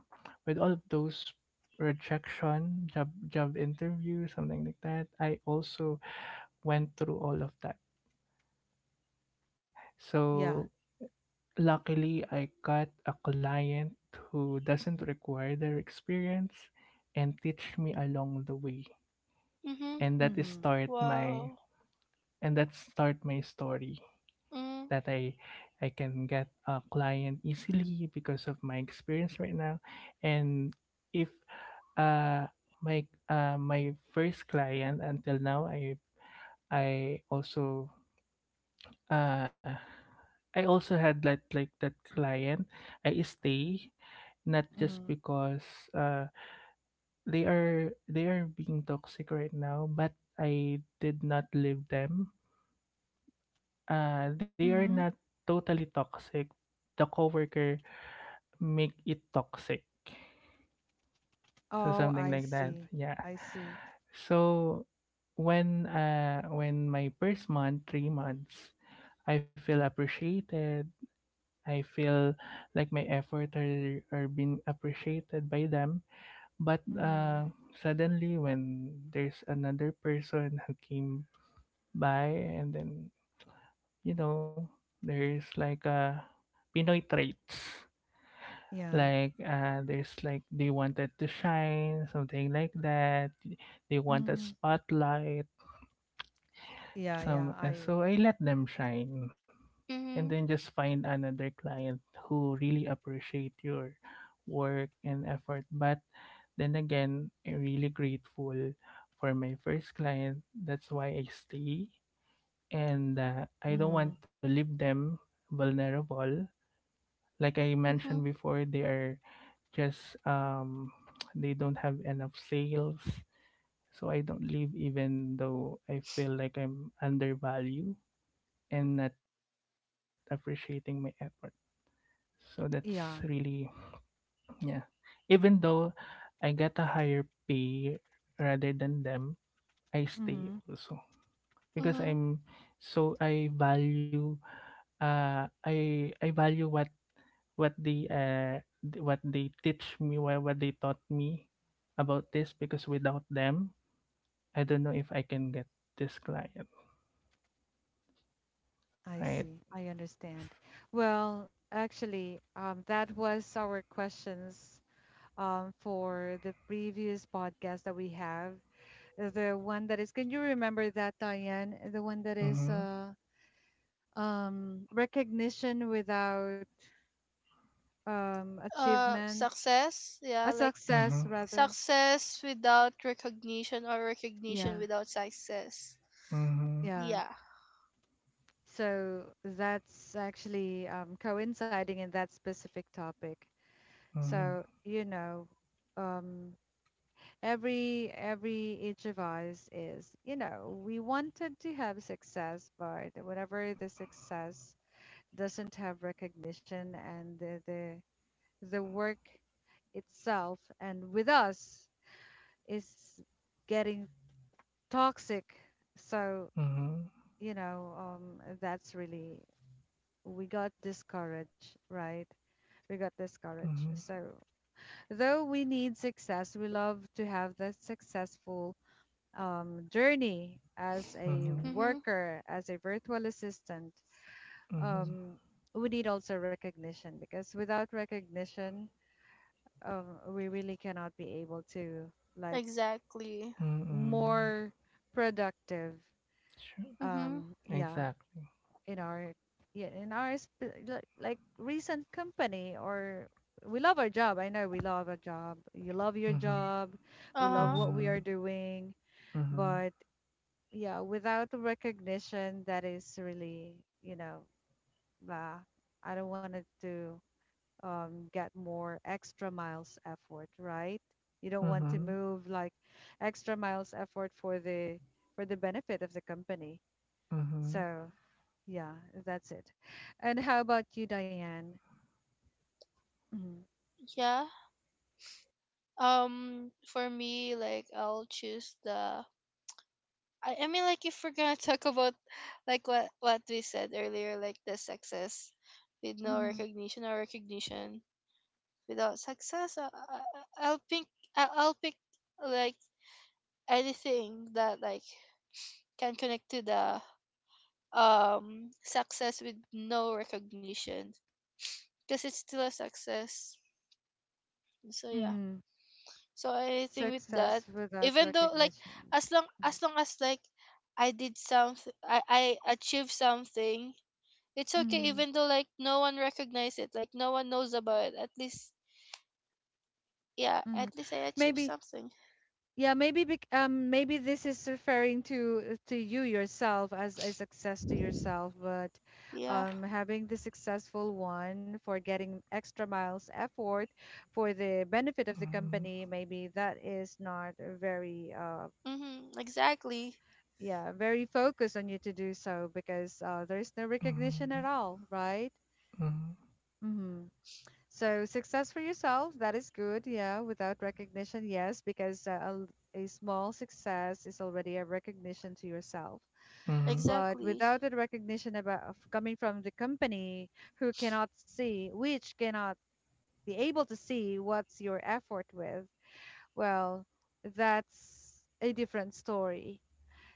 [SPEAKER 3] with all of those rejection job interview, something like that. I also went through all of that,
[SPEAKER 1] Yeah.
[SPEAKER 3] so luckily I got a client who doesn't require their experience and teach me along the way.
[SPEAKER 2] Mm-hmm.
[SPEAKER 3] and that is
[SPEAKER 1] Mm-hmm.
[SPEAKER 3] start my
[SPEAKER 2] Wow.
[SPEAKER 3] and that start my story,
[SPEAKER 2] Mm,
[SPEAKER 3] that I can get a client easily because of my experience right now. And if uh my my first client until now, I also uh I also had that like that client. I stay not just
[SPEAKER 1] Mm-hmm.
[SPEAKER 3] because uh they are being toxic right now, but I did not leave them. They are
[SPEAKER 1] Mm-hmm.
[SPEAKER 3] not totally toxic. The coworker make it toxic. So
[SPEAKER 1] Oh,
[SPEAKER 3] something
[SPEAKER 1] I
[SPEAKER 3] like that.
[SPEAKER 1] see.
[SPEAKER 3] Yeah.
[SPEAKER 1] I see.
[SPEAKER 3] So when my first month, 3 months, I feel appreciated. I feel like my effort are being appreciated by them. But
[SPEAKER 1] Mm-hmm.
[SPEAKER 3] suddenly when there's another person who came by, and then you know, there's like a Pinoy traits.
[SPEAKER 1] Yeah.
[SPEAKER 3] Like, there's like, they wanted to shine, something like that. They want a
[SPEAKER 1] Mm-hmm.
[SPEAKER 3] spotlight.
[SPEAKER 1] Yeah, yeah.
[SPEAKER 3] Some, uh,
[SPEAKER 1] I
[SPEAKER 3] so I let them shine, and then
[SPEAKER 2] mhm.
[SPEAKER 3] just find another client who really appreciate your work and effort. But then again, I'm really grateful for my first client. That's why I stay, and I don't
[SPEAKER 1] mm-hmm.
[SPEAKER 3] want to leave them vulnerable. Like I
[SPEAKER 2] Mhm.
[SPEAKER 3] mentioned before, they are just they don't have enough sales, so I don't leave, even though I feel like I'm undervalued and not appreciating my effort. So that's
[SPEAKER 1] Yeah.
[SPEAKER 3] really, yeah, even though I get a higher pay rather than them, I stay
[SPEAKER 1] Mm-hmm.
[SPEAKER 3] also because
[SPEAKER 2] Mhm.
[SPEAKER 3] I value, I value what they taught me about this, because without them I don't know if I can get this client,
[SPEAKER 1] I
[SPEAKER 3] right.
[SPEAKER 1] see. I understand. Well, actually, that was our questions for the previous podcast that we have. The one that is, can you remember that, Diane? The one that is
[SPEAKER 3] Mhm.
[SPEAKER 1] recognition without achievement,
[SPEAKER 2] Success,
[SPEAKER 1] a
[SPEAKER 2] yeah, like,
[SPEAKER 3] Mhm.
[SPEAKER 1] success rather.
[SPEAKER 2] success without recognition, or
[SPEAKER 1] Yeah,
[SPEAKER 2] recognition without success.
[SPEAKER 3] Mhm.
[SPEAKER 1] yeah.
[SPEAKER 2] Yeah.
[SPEAKER 1] So that's actually coinciding in that specific topic.
[SPEAKER 3] Mhm.
[SPEAKER 1] So, you know, um, every each of us is, you know, we wanted to have success, but whenever the success doesn't have recognition, and the work itself and with us is getting toxic, so
[SPEAKER 3] Mhm.
[SPEAKER 1] you know, that's really, we got discouraged, right? We got discouraged. So though we need success, we love to have that successful journey as
[SPEAKER 3] Mhm.
[SPEAKER 1] a
[SPEAKER 3] Mhm.
[SPEAKER 2] Mhm.
[SPEAKER 1] worker, as a virtual assistant,
[SPEAKER 3] Mhm.
[SPEAKER 1] um, we need also recognition, because without recognition, we really cannot be able to like
[SPEAKER 2] Exactly.
[SPEAKER 3] Mhm.
[SPEAKER 1] more productive.
[SPEAKER 3] Sure.
[SPEAKER 2] Mhm.
[SPEAKER 1] Yeah,
[SPEAKER 3] Exactly.
[SPEAKER 1] in our, yeah in our like recent company, or we love our job. I know we love our job. You love your
[SPEAKER 3] Mhm.
[SPEAKER 1] job. We love
[SPEAKER 2] Uh-huh.
[SPEAKER 1] what we are
[SPEAKER 3] Mhm.
[SPEAKER 1] doing,
[SPEAKER 3] Mhm.
[SPEAKER 1] but yeah, without the recognition, that is really, you know, bah, I don't want it to get more extra miles effort, right? You don't
[SPEAKER 3] Mhm.
[SPEAKER 1] want to
[SPEAKER 3] Mhm.
[SPEAKER 1] move like extra miles effort for the benefit of the company.
[SPEAKER 3] Mhm.
[SPEAKER 1] So yeah, that's it. And how about you, Diane? Mm-hmm.
[SPEAKER 2] Yeah. For me, like, I'll choose the I mean, like, if we're going to talk about, like, what we said earlier, like, the success with no
[SPEAKER 1] Mm-hmm.
[SPEAKER 2] recognition or recognition without success, I- will pick I'll pick, like, anything that, like, can connect to the success with no recognition, because it's still a success. So, yeah.
[SPEAKER 1] Mm-hmm.
[SPEAKER 2] So, anything with that,
[SPEAKER 1] Success without
[SPEAKER 2] even though, like,
[SPEAKER 1] recognition. Mm-hmm.
[SPEAKER 2] as long as, like, I did something, I achieved something. It's okay,
[SPEAKER 1] Mm-hmm.
[SPEAKER 2] even though, like, no one recognizes it, like, no one knows about it. At least, yeah,
[SPEAKER 1] Mm-hmm.
[SPEAKER 2] at least I achieved
[SPEAKER 1] Maybe,
[SPEAKER 2] something.
[SPEAKER 1] yeah, maybe maybe this is referring to you yourself as a success to yourself, but
[SPEAKER 2] Yeah.
[SPEAKER 1] having the successful one for getting extra miles effort for the benefit of the
[SPEAKER 3] Mhm.
[SPEAKER 1] company, maybe that is not a very,
[SPEAKER 2] Mm-hmm, exactly.
[SPEAKER 1] yeah, very focused on you to do so because there is no
[SPEAKER 3] Mhm.
[SPEAKER 1] recognition at all, right? Mm-hmm. So success for yourself, that is good, yeah, without recognition, yes, because a small success is already a recognition to yourself.
[SPEAKER 3] Mhm.
[SPEAKER 1] But
[SPEAKER 2] Exactly.
[SPEAKER 1] without the recognition about of coming from the company who cannot see, which cannot be able to see what's your effort with, well, that's a different story.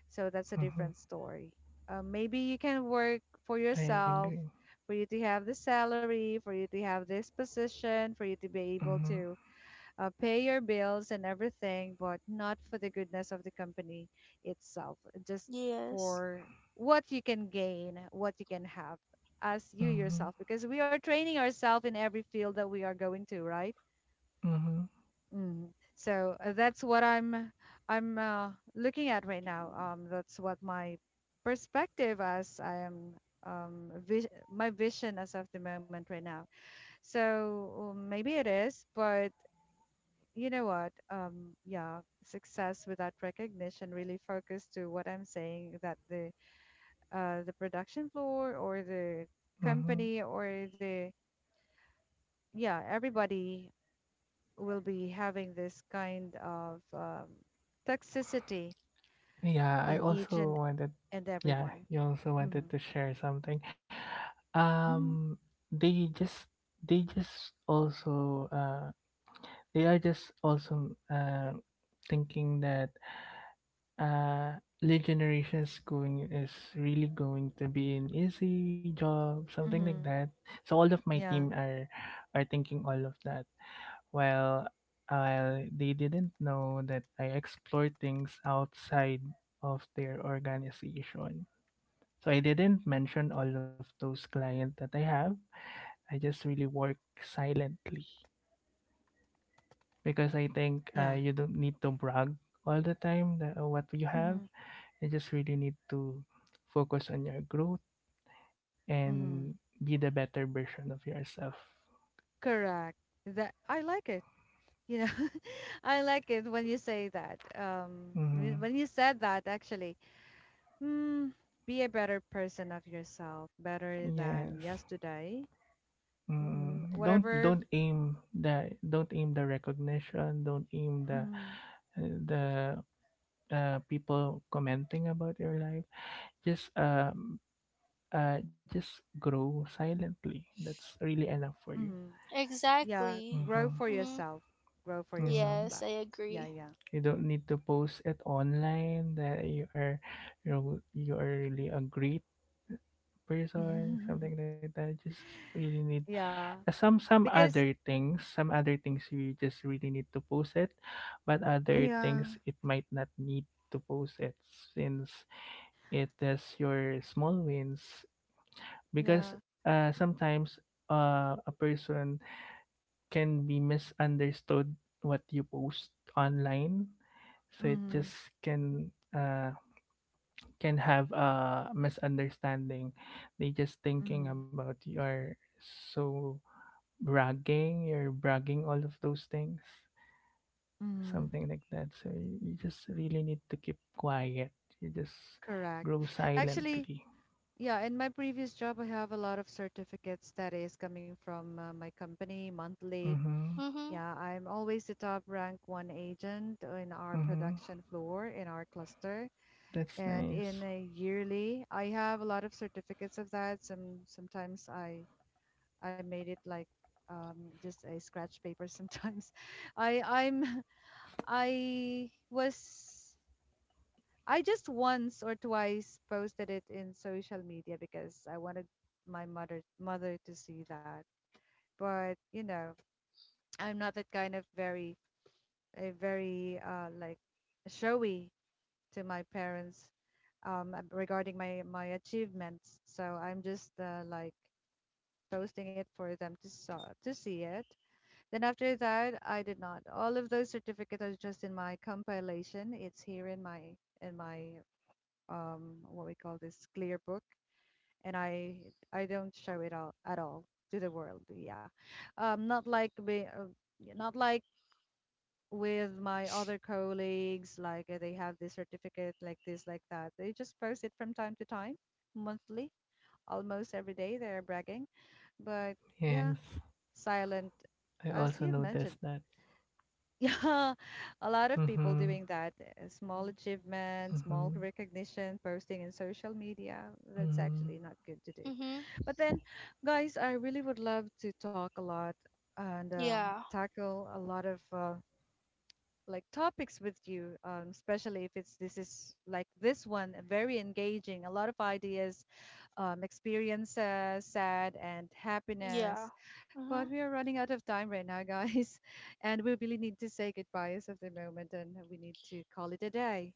[SPEAKER 1] So that's a
[SPEAKER 3] Mhm.
[SPEAKER 1] different story. Maybe you can work for
[SPEAKER 3] I agree.
[SPEAKER 1] yourself, for you to have the salary, for you to have this position, for you to be able
[SPEAKER 3] Mm-hmm,
[SPEAKER 1] to pay your bills and everything, but not for the goodness of the company itself, just
[SPEAKER 2] Yes.
[SPEAKER 1] for what you can gain, what you can have as you
[SPEAKER 3] mm-hmm,
[SPEAKER 1] yourself, because we are training ourselves in every field that we are going to, right?
[SPEAKER 3] mm-hmm,
[SPEAKER 1] Mm. So that's what I'm looking at right now. That's what my perspective as I am, vis my vision as of the moment right now. So maybe it is, but you know what? Yeah, success without recognition really focused to what I'm saying, that the production floor or the
[SPEAKER 3] mm-hmm.
[SPEAKER 1] company or the, yeah, everybody will be having this kind of toxicity
[SPEAKER 3] Yeah, I
[SPEAKER 1] in each
[SPEAKER 3] also wanted.
[SPEAKER 1] and
[SPEAKER 3] Yeah,
[SPEAKER 1] everyone.
[SPEAKER 3] you also
[SPEAKER 1] Mm-hmm.
[SPEAKER 3] wanted to share something.
[SPEAKER 1] Mm-hmm.
[SPEAKER 3] Um, they just, they just also, uh, they are just also, thinking that generations going is really going to be an easy job, something like
[SPEAKER 1] Mm-hmm.
[SPEAKER 3] that. So all of my
[SPEAKER 1] Yeah.
[SPEAKER 3] team are thinking all of that. Well, they didn't know that I explore things outside of their organization. So I didn't mention all of those clients that I have. I just really work silently, because I think
[SPEAKER 1] Yeah.
[SPEAKER 3] you don't need to brag all the time that, what you have.
[SPEAKER 1] Mm-hmm.
[SPEAKER 3] You just really need to focus on your growth
[SPEAKER 1] Mm-hmm.
[SPEAKER 3] and be the better version of yourself.
[SPEAKER 1] Correct. That I like it. You know, [LAUGHS] I like it when you say that. When
[SPEAKER 3] Mm,
[SPEAKER 1] you said that, actually, mm, be a better person of yourself, better than
[SPEAKER 3] yes.
[SPEAKER 1] yesterday. Mm,
[SPEAKER 3] Mm, don't
[SPEAKER 1] whatever.
[SPEAKER 3] don't aim the don't aim the recognition, don't aim the
[SPEAKER 1] Mm-hmm.
[SPEAKER 3] the people commenting about your life, just um just grow silently. That's really enough for you.
[SPEAKER 1] Mm-hmm. Yeah,
[SPEAKER 2] Exactly.
[SPEAKER 1] grow
[SPEAKER 3] Mm-hmm.
[SPEAKER 1] for
[SPEAKER 2] Mhm.
[SPEAKER 1] yourself, grow for yourself
[SPEAKER 3] Mm-hmm.
[SPEAKER 2] Yes, I
[SPEAKER 1] like, yeah,
[SPEAKER 2] agree.
[SPEAKER 1] yeah,
[SPEAKER 3] You don't need to post it online that you are, you are really a great person, something
[SPEAKER 1] [LAUGHS]
[SPEAKER 3] like that. Just really need
[SPEAKER 1] yeah
[SPEAKER 3] some
[SPEAKER 1] because,
[SPEAKER 3] other things, some other things you just really need to post it, but other
[SPEAKER 1] yeah,
[SPEAKER 3] things it might not need to post it, since it is your small wins.
[SPEAKER 1] yeah,
[SPEAKER 3] Because sometimes a person can be misunderstood what you post online, so it
[SPEAKER 1] mm-hmm,
[SPEAKER 3] just can have a misunderstanding. They just thinking
[SPEAKER 1] mm-hmm,
[SPEAKER 3] about you are so bragging, you're bragging all of those things,
[SPEAKER 1] mm-hmm.
[SPEAKER 3] something like that. So you just really need to keep quiet. You just
[SPEAKER 1] Correct.
[SPEAKER 3] grow
[SPEAKER 1] Actually,
[SPEAKER 3] silently.
[SPEAKER 1] yeah, in my previous job I have a lot of certificates that is coming from my company monthly.
[SPEAKER 3] Mhm.
[SPEAKER 2] Mhm.
[SPEAKER 1] Yeah, I'm always the top rank one agent in our
[SPEAKER 3] Mhm.
[SPEAKER 1] production floor in our cluster,
[SPEAKER 3] That's
[SPEAKER 1] and in
[SPEAKER 3] nice.
[SPEAKER 1] a yearly I have a lot of certificates of that. Sometimes I I made it like just a scratch paper sometimes. [LAUGHS] I I was, I just once or twice posted it in social media because I wanted my mother to see that. But you know, I'm not that kind of very, a very like showy to my parents regarding my, my achievements. So I'm just like posting it for them to saw to see it. Then after that, I did not. All of those certificates are just in my compilation. It's here in my, in my, what we call this, clear book, and I don't show it all at all to the world. Yeah, not like yeah, not like with my other colleagues. Like they have this certificate like this like that. They just post it from time to time, monthly, almost every day. They are bragging, but yeah,
[SPEAKER 3] Yes.
[SPEAKER 1] silent
[SPEAKER 3] I
[SPEAKER 1] as
[SPEAKER 3] also
[SPEAKER 1] you've mentioned.
[SPEAKER 3] noticed that.
[SPEAKER 1] Yeah, [LAUGHS] a lot of people
[SPEAKER 3] Mhm.
[SPEAKER 1] doing that. Small achievements, small
[SPEAKER 3] Mhm.
[SPEAKER 1] recognition, posting in social media. That's actually
[SPEAKER 3] Mhm.
[SPEAKER 1] not good to do.
[SPEAKER 2] Mhm.
[SPEAKER 1] But then, guys, I really would love to talk a lot and
[SPEAKER 2] Yeah.
[SPEAKER 1] tackle a lot of like topics with you, especially if it's this, is like this one, very engaging, a lot of ideas, experiences, sad and
[SPEAKER 2] Yeah.
[SPEAKER 1] happiness. But
[SPEAKER 2] Mhm.
[SPEAKER 1] we are running out of time right now, guys, [LAUGHS] and we really need to say goodbye as of the moment, and we need to call it a day.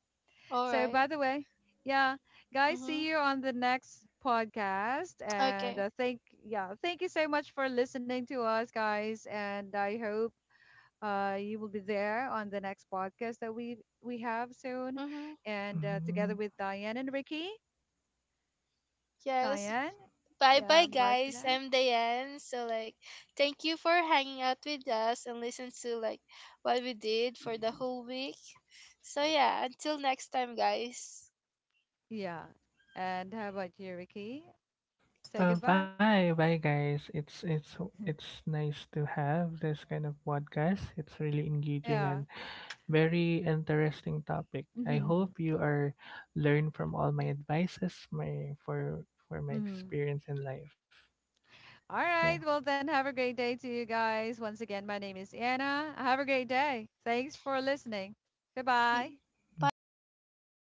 [SPEAKER 2] All
[SPEAKER 1] So,
[SPEAKER 2] right.
[SPEAKER 1] by the way, yeah, guys,
[SPEAKER 2] Mhm.
[SPEAKER 1] see you on the next podcast, and
[SPEAKER 2] Okay.
[SPEAKER 1] thank, yeah, thank you so much for listening to us, guys, and I hope you will be there on the next podcast that we have soon,
[SPEAKER 2] Mhm.
[SPEAKER 1] and together
[SPEAKER 3] Mhm.
[SPEAKER 1] with Diane and Ricky.
[SPEAKER 2] Yes.
[SPEAKER 1] Diane,
[SPEAKER 2] Bye bye
[SPEAKER 1] yeah, bye for
[SPEAKER 2] guys.
[SPEAKER 1] now.
[SPEAKER 2] I'm Diane. So, like, thank you for hanging out with us and listen to, like, what we did for the whole week. So, yeah, until next time, guys.
[SPEAKER 1] Yeah. And how about you, Ricky? Say goodbye.
[SPEAKER 3] Bye, bye, guys. It's nice to have this kind of podcast. It's really engaging
[SPEAKER 1] Yeah.
[SPEAKER 3] and very interesting topic. I
[SPEAKER 1] Mm-hmm.
[SPEAKER 3] hope you are learn from all my advices, my for my
[SPEAKER 1] Mm-hmm.
[SPEAKER 3] experience in life.
[SPEAKER 1] All
[SPEAKER 3] Yeah.
[SPEAKER 1] right. Well, then have a great day to you guys. Once again, my name is Anna. Have a great day. Thanks for listening. Goodbye.
[SPEAKER 2] Bye bye, guys.
[SPEAKER 3] Bye.